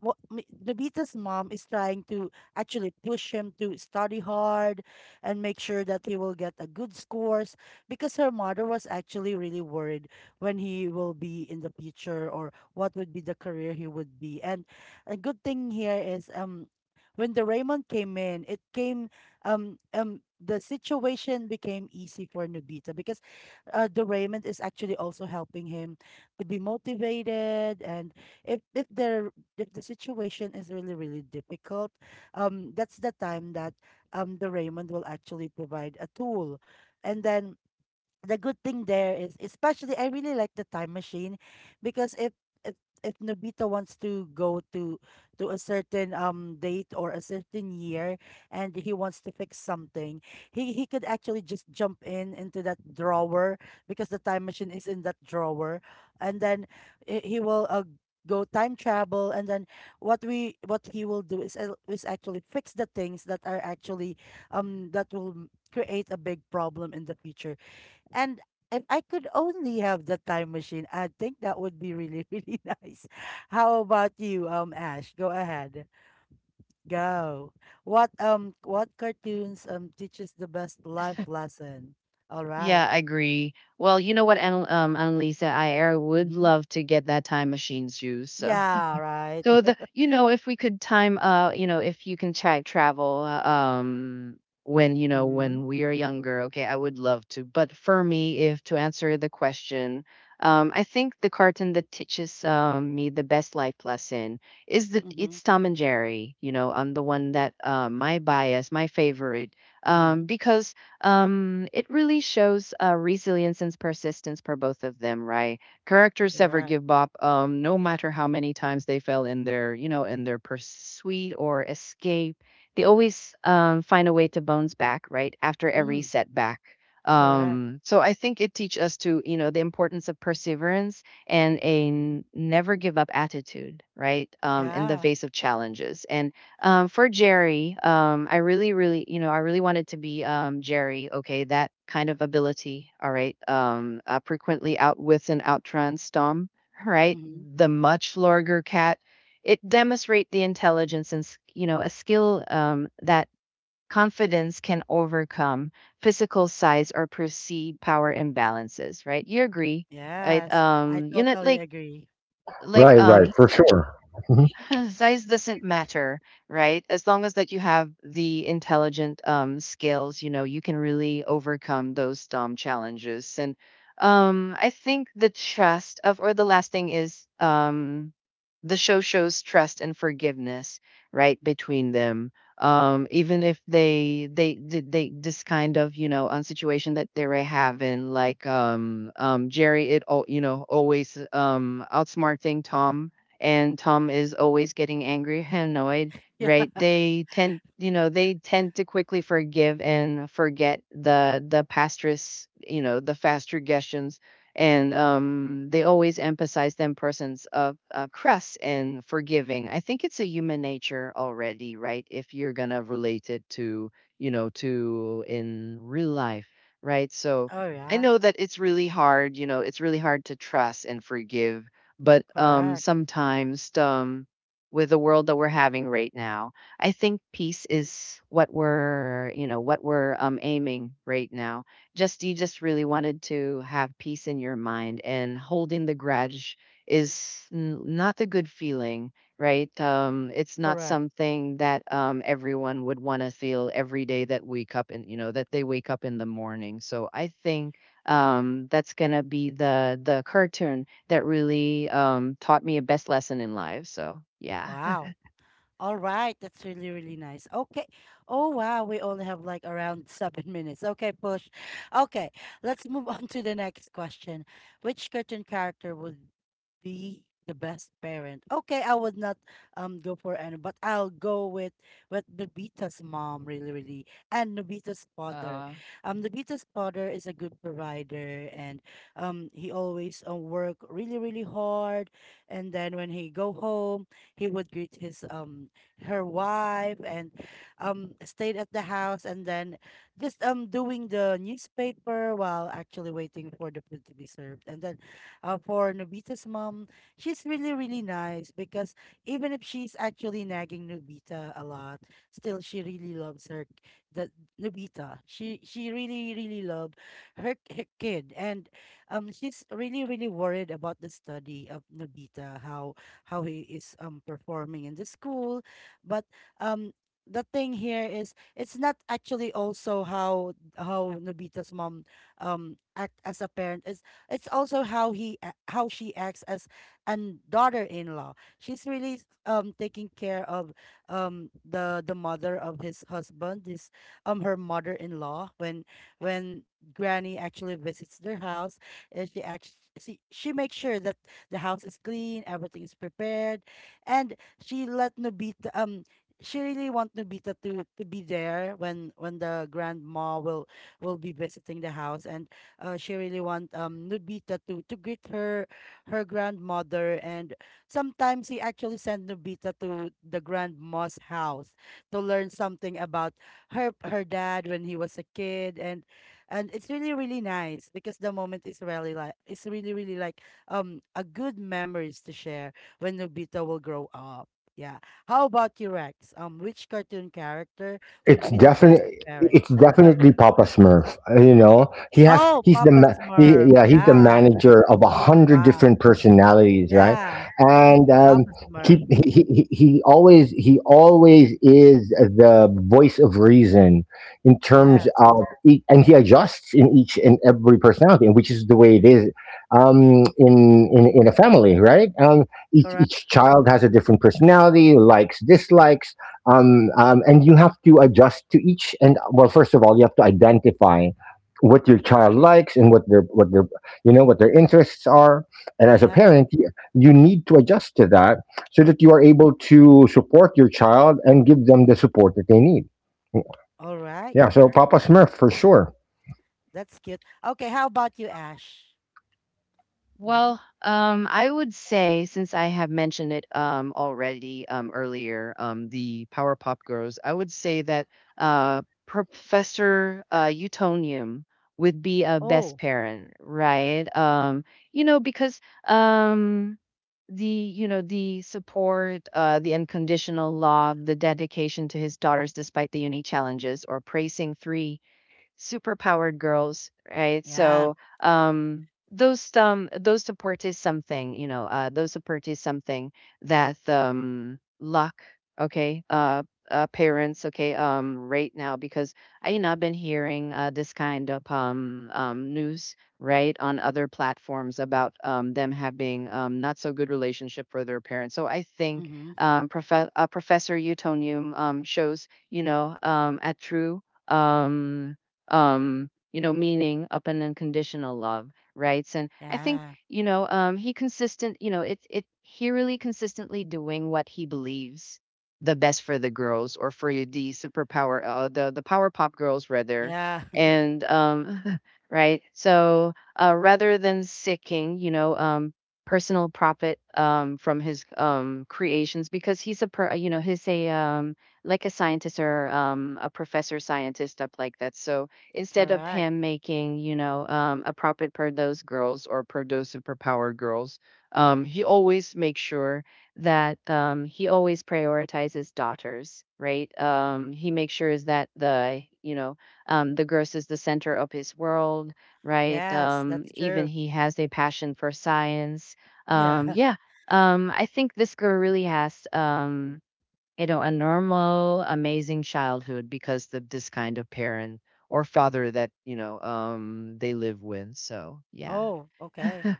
[SPEAKER 1] what Nobita's mom is trying to actually push him to study hard and make sure that he will get a good scores, because her mother was actually really worried when he will be in the future, or what would be the career he would be. And a good thing here is, when the Raymond came in, it came the situation became easy for Nobita, because, the Raymond is actually also helping him to be motivated, and if if the if the situation is really, really difficult, that's the time that, the Raymond will actually provide a tool. And then the good thing there is, especially I really like the time machine, because if, if Nobita wants to go to a certain date or a certain year and he wants to fix something, he could actually just jump in into that drawer, because the time machine is in that drawer, and then he will, go time travel, and then what he will do is, actually fix the things that are actually, that will create a big problem in the future. And if I could only have the time machine, I think that would be really, really nice. How about you, Ash? Go ahead. Go. What cartoons teaches the best life lesson? All right.
[SPEAKER 3] Yeah, I agree. Well, you know what, Annalisa, I would
[SPEAKER 1] Mm-hmm.
[SPEAKER 3] love to get that time machine shoes.
[SPEAKER 1] Yeah, right.
[SPEAKER 3] So the you know if we could time if you can try travel
[SPEAKER 1] Mm-hmm.
[SPEAKER 3] when we are younger, okay, I would love to. But for me, if to answer the question, I think the cartoon that teaches me the best life lesson is that
[SPEAKER 1] Mm-hmm.
[SPEAKER 3] it's Tom and Jerry. You know, I'm the one that my bias, my favorite,
[SPEAKER 1] Mm-hmm.
[SPEAKER 3] because it really shows resilience and persistence for both of them, right? Characters ever
[SPEAKER 1] Correct.
[SPEAKER 3] give up, no matter how many times they fail in their, you know, in their pursuit or escape. They always find a way to bounce back, right? After every
[SPEAKER 1] Mm,
[SPEAKER 3] setback.
[SPEAKER 1] correct.
[SPEAKER 3] So I think it teaches us to, you know, the importance of perseverance and a
[SPEAKER 1] Mm-hmm.
[SPEAKER 3] never give up attitude, right? In the
[SPEAKER 1] Yeah.
[SPEAKER 3] face of challenges. And for Jerry, I really, really, you know, I really wanted to be Jerry. Okay, that kind of ability. All right, frequently outwits and outruns Tom. All right,
[SPEAKER 1] Mm-hmm.
[SPEAKER 3] the much larger cat. It demonstrates the intelligence and you know a skill that confidence can overcome physical size or perceived power imbalances. Right? You agree? Right?
[SPEAKER 1] Yes. I
[SPEAKER 3] You know,
[SPEAKER 1] totally agree.
[SPEAKER 3] like
[SPEAKER 2] Right, right, for sure. Mhm.
[SPEAKER 3] Size doesn't matter, right? As long as that you have the intelligent skills, you know, you can really overcome those challenges. And I think the trust of, or the last thing is, the show shows trust and forgiveness, right, between them. Even if they this kind of, you know, situation that they were having, like Jerry it all, you know, always outsmarting Tom, and Tom is always getting angry and annoyed,
[SPEAKER 1] Yeah.
[SPEAKER 3] right? They tend, you know, they tend to quickly forgive and forget the pastress, you know, the fast suggestions, and they always emphasize them persons of crust and forgiving. I think it's a human nature already, right? If you're gonna relate it to, you know, to in real life, right? So.
[SPEAKER 1] Oh,
[SPEAKER 3] I
[SPEAKER 1] yeah.
[SPEAKER 3] know that it's really hard, you know, it's really hard to trust and forgive, but
[SPEAKER 1] Correct.
[SPEAKER 3] sometimes with the world that we're having right now, I think peace is what we're, you know, what we're aiming right now. Just you just really wanted to have peace in your mind, and holding the grudge is not a good feeling, right? It's not
[SPEAKER 1] Correct.
[SPEAKER 3] something that everyone would want to feel every day, that wake up and you know that they wake up in the morning. So I think that's gonna be the curtain that really taught me a best lesson in life. So yeah.
[SPEAKER 1] Wow. All right, that's really, really nice. Okay. Oh, wow. We only have like around 7 minutes. Okay, push. Okay, let's move on to the next question. Which cartoon character would be the best parent? Okay, I would not go for any, but I'll go with Nobita's mom, really, really, and Nobita's father.
[SPEAKER 3] Uh,
[SPEAKER 1] Nobita's father is a good provider, and, he always, work really, really hard. And then when he go home, he would greet his her wife and stayed at the house, and then just doing the newspaper while actually waiting for the food to be served. And then, for Nobita's mom, she's really really nice, because even if she's actually nagging Nobita a lot, still she really loves her the Nobita. She really really love her kid, and, she's really really worried about the study of Nobita, how he is performing in the school, but, um, the thing here is it's not actually also how Nobita's mom act as a parent. It's also how she acts as an daughter-in-law. She's really taking care of, the mother of his husband, this her mother-in-law, when Granny actually visits their house. She makes sure that the house is clean, everything is prepared, and she let Nobita um she really want Nobita to be there when the grandma will be visiting the house, and, she really want Nobita to greet her grandmother. And sometimes he actually sent Nobita to the grandma's house to learn something about her dad when he was a kid, and it's really really nice, because the moment is really like it's really really like, a good memories to share when Nobita will grow up. Yeah. How about you, Rex? Which cartoon character would
[SPEAKER 2] It's
[SPEAKER 1] be the best
[SPEAKER 2] definitely
[SPEAKER 1] parent?
[SPEAKER 2] it's definitely Papa Smurf. Uh, you know, he has
[SPEAKER 1] Oh,
[SPEAKER 2] he's the
[SPEAKER 1] Papa
[SPEAKER 2] ma- he,
[SPEAKER 1] Smurf.
[SPEAKER 2] yeah, he's the
[SPEAKER 1] Yeah.
[SPEAKER 2] manager of a hundred
[SPEAKER 1] Wow.
[SPEAKER 2] different personalities, right?
[SPEAKER 1] Yeah.
[SPEAKER 2] And
[SPEAKER 1] Papa Smurf.
[SPEAKER 2] he always is the voice of reason in terms
[SPEAKER 1] Yes,
[SPEAKER 2] of and he adjusts in each and every personality, which is the way it is in a family, right?
[SPEAKER 1] correct.
[SPEAKER 2] Each child has a different personality, likes, dislikes, and you have to adjust to each, and well first of all you have to identify what your child likes and what their you know what their interests are, and as a
[SPEAKER 1] Yeah.
[SPEAKER 2] parent you, you need to adjust to that so that you are able to support your child and give them the support that they need.
[SPEAKER 1] All right.
[SPEAKER 2] Yeah, so Papa Smurf for sure.
[SPEAKER 1] That's cute. Okay, how about you, Ash? Hmm.
[SPEAKER 3] I would say, since I have mentioned it already earlier, the Power Pop Girls, I would say that Professor Utonium would be a best
[SPEAKER 1] Oh,
[SPEAKER 3] parent, right? You know, because um, the you know the support, the unconditional love, the dedication to his daughters, despite the unique challenges or praising three superpowered girls, right?
[SPEAKER 1] yeah.
[SPEAKER 3] So those support is something, you know, those support is something that luck, okay, parents, okay, right now because I you know I've been hearing this kind of news, right, on other platforms about them having not so good relationship for their parents. So I think
[SPEAKER 1] Hmm.
[SPEAKER 3] Professor Utonium shows you know at True um you know meaning up and unconditional love, right? So, and I think
[SPEAKER 1] Yeah.
[SPEAKER 3] you know he consistent, you know, it he really consistently doing what he believes the best for the girls, or for the superpower, the power pop girls rather,
[SPEAKER 1] Yeah.
[SPEAKER 3] and right, so rather than seeking, you know, personal profit from his creations, because he's a like a scientist or a professor scientist up, like that. So instead of
[SPEAKER 1] Correct.
[SPEAKER 3] him making, you know, a profit per those girls or per dozen per power girls, he always makes sure that he always prioritizes daughters, right? He makes sure is that the, you know, the girls is the center of his world, right?
[SPEAKER 1] Yes, that's
[SPEAKER 3] Even
[SPEAKER 1] true.
[SPEAKER 3] he has a passion for science.
[SPEAKER 1] Yeah.
[SPEAKER 3] Yeah. I think this girl really has you know, a normal, amazing childhood because of this kind of parent or father that, you know, they live with. So, yeah.
[SPEAKER 1] Oh, okay.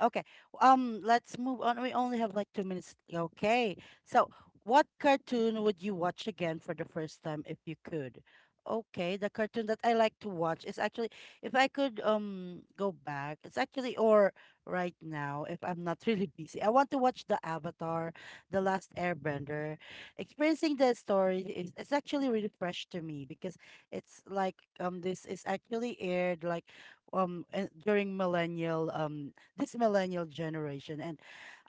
[SPEAKER 1] Okay. Let's move on. We only have like 2 minutes. Okay. So, what cartoon would you watch again for the first time if you could? Okay, the cartoon that I like to watch is actually, if I could go back, it's actually, or right now if I'm not really busy. I want to watch the Avatar, The Last Airbender. Experiencing the story is, it's actually really fresh to me, because it's like, this is actually aired like, during millennial this millennial generation. And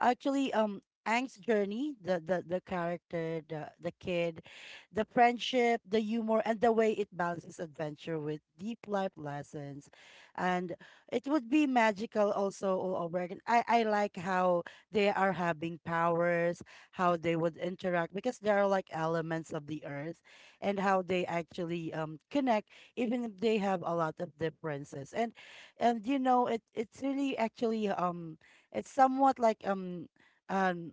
[SPEAKER 1] actually, Ang's journey, the character, the kid, the friendship, the humor, and the way it balances adventure with deep life lessons, and it would be magical also all over again. I like how they are having powers, how they would interact because they are like elements of the earth, and how they actually connect even if they have a lot of differences. And it's really actually, it's somewhat like, um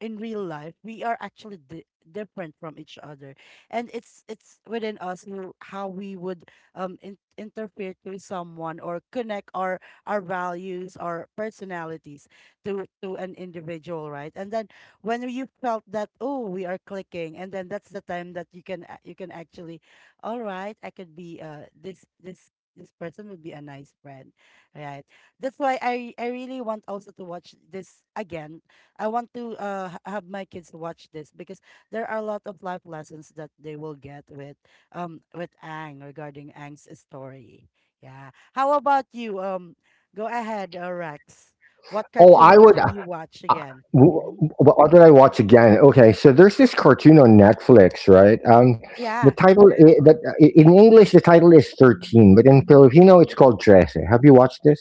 [SPEAKER 1] in real life we are actually different from each other, and it's within us, how we would interfere to someone, or connect our values, our personalities to an individual, right? And then when you felt that, oh, we are clicking, and then that's the time that you can actually, all right, I could be, this person would be a nice friend, right? That's why I really want also to watch this again. I want to have my kids watch this, because there are a lot of life lessons that they will get with Ang, regarding Ang's story. Yeah. How about you? Go ahead, Rex. What
[SPEAKER 2] oh
[SPEAKER 1] cartoon
[SPEAKER 2] I
[SPEAKER 1] would you
[SPEAKER 2] would
[SPEAKER 1] be watch
[SPEAKER 2] Uh,
[SPEAKER 1] again? Mm-hmm.
[SPEAKER 2] what did I watch again? Okay, so there's this cartoon on Netflix, right? The
[SPEAKER 1] Yeah.
[SPEAKER 2] title I- that I- in English the title is 13, but in Filipino it's called Trece. Have you watched this?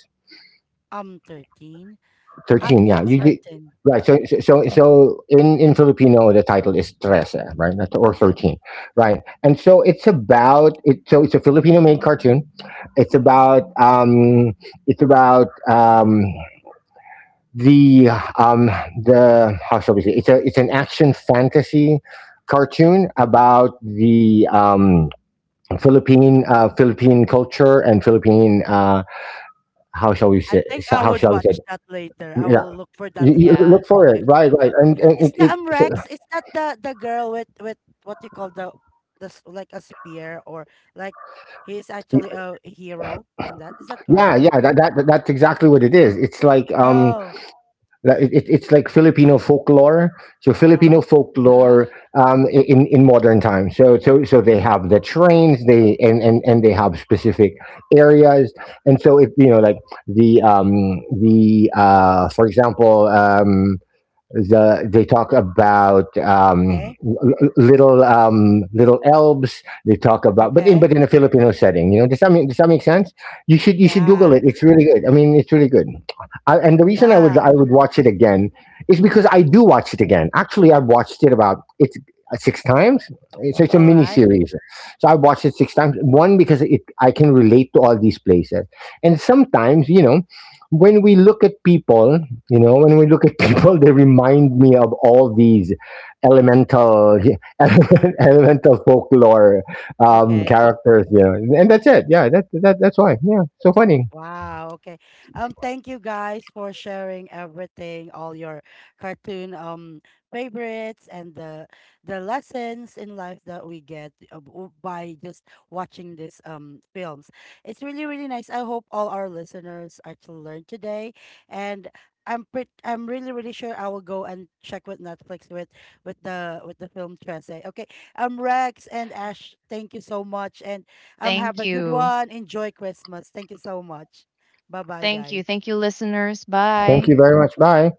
[SPEAKER 1] 13. I'm
[SPEAKER 2] 13,
[SPEAKER 1] not
[SPEAKER 2] yeah. You
[SPEAKER 1] certain.
[SPEAKER 2] right? In Filipino the title is Trece, right? That's- or
[SPEAKER 1] Okay.
[SPEAKER 2] 13, right? And so it's about it. So it's a Filipino made cartoon. It's about it's about um, the um the how shall we say, it's a it's an action fantasy cartoon about the Philippine Philippine culture and Philippine how shall we
[SPEAKER 1] I
[SPEAKER 2] say
[SPEAKER 1] think I
[SPEAKER 2] how
[SPEAKER 1] would
[SPEAKER 2] shall we say
[SPEAKER 1] watch that later. I
[SPEAKER 2] yeah,
[SPEAKER 1] will look for that.
[SPEAKER 2] you
[SPEAKER 3] Yeah.
[SPEAKER 2] look for it
[SPEAKER 1] Okay.
[SPEAKER 2] right right and
[SPEAKER 1] Is the,
[SPEAKER 2] it, it so,
[SPEAKER 1] Rex? Is that the girl with what you call like a spear, or like he is actually a hero in that? Is that
[SPEAKER 2] yeah
[SPEAKER 1] correct?
[SPEAKER 2] yeah that that's exactly what it is. It's
[SPEAKER 1] Oh.
[SPEAKER 2] like, it's like Filipino folklore. So Filipino
[SPEAKER 1] Uh-huh.
[SPEAKER 2] folklore in modern times. They have the trains. They and they have specific areas. And so if you know like the um the for example they talk about
[SPEAKER 1] Okay.
[SPEAKER 2] little elves. They talk about, but
[SPEAKER 1] Okay.
[SPEAKER 2] in a Filipino setting, you know. Does that make sense? You should Google
[SPEAKER 1] Yeah.
[SPEAKER 2] it. It's really good. It's really good. And the reason
[SPEAKER 1] Yeah.
[SPEAKER 2] I would watch it again is because I do watch it again. Actually, I've watched it about it's 6 times. It's a
[SPEAKER 1] All
[SPEAKER 2] mini
[SPEAKER 1] right.
[SPEAKER 2] series, so I watched it 6 times. One because it I can relate to all these places, and sometimes you know when we look at people. You know, when we look at people, they remind me of all these elemental, elemental folklore
[SPEAKER 1] Okay.
[SPEAKER 2] characters. You know, and that's it. Yeah, that that's why. Yeah, so funny.
[SPEAKER 1] Wow, okay. Thank you guys for sharing everything, all your cartoon favorites and the lessons in life that we get, by just watching these films. It's really, really nice. I hope all our listeners actually learned today. And I'm really, really sure I will go and check with Netflix with the film Trese. Okay. Rex and Ash, thank you so much. And, have
[SPEAKER 3] Thank
[SPEAKER 1] a good
[SPEAKER 3] you.
[SPEAKER 1] one. Enjoy Christmas. Thank you so much. Bye bye,
[SPEAKER 3] Thank you.
[SPEAKER 1] guys.
[SPEAKER 3] Thank you, listeners.
[SPEAKER 2] Thank
[SPEAKER 3] Bye.
[SPEAKER 2] you very much. Bye.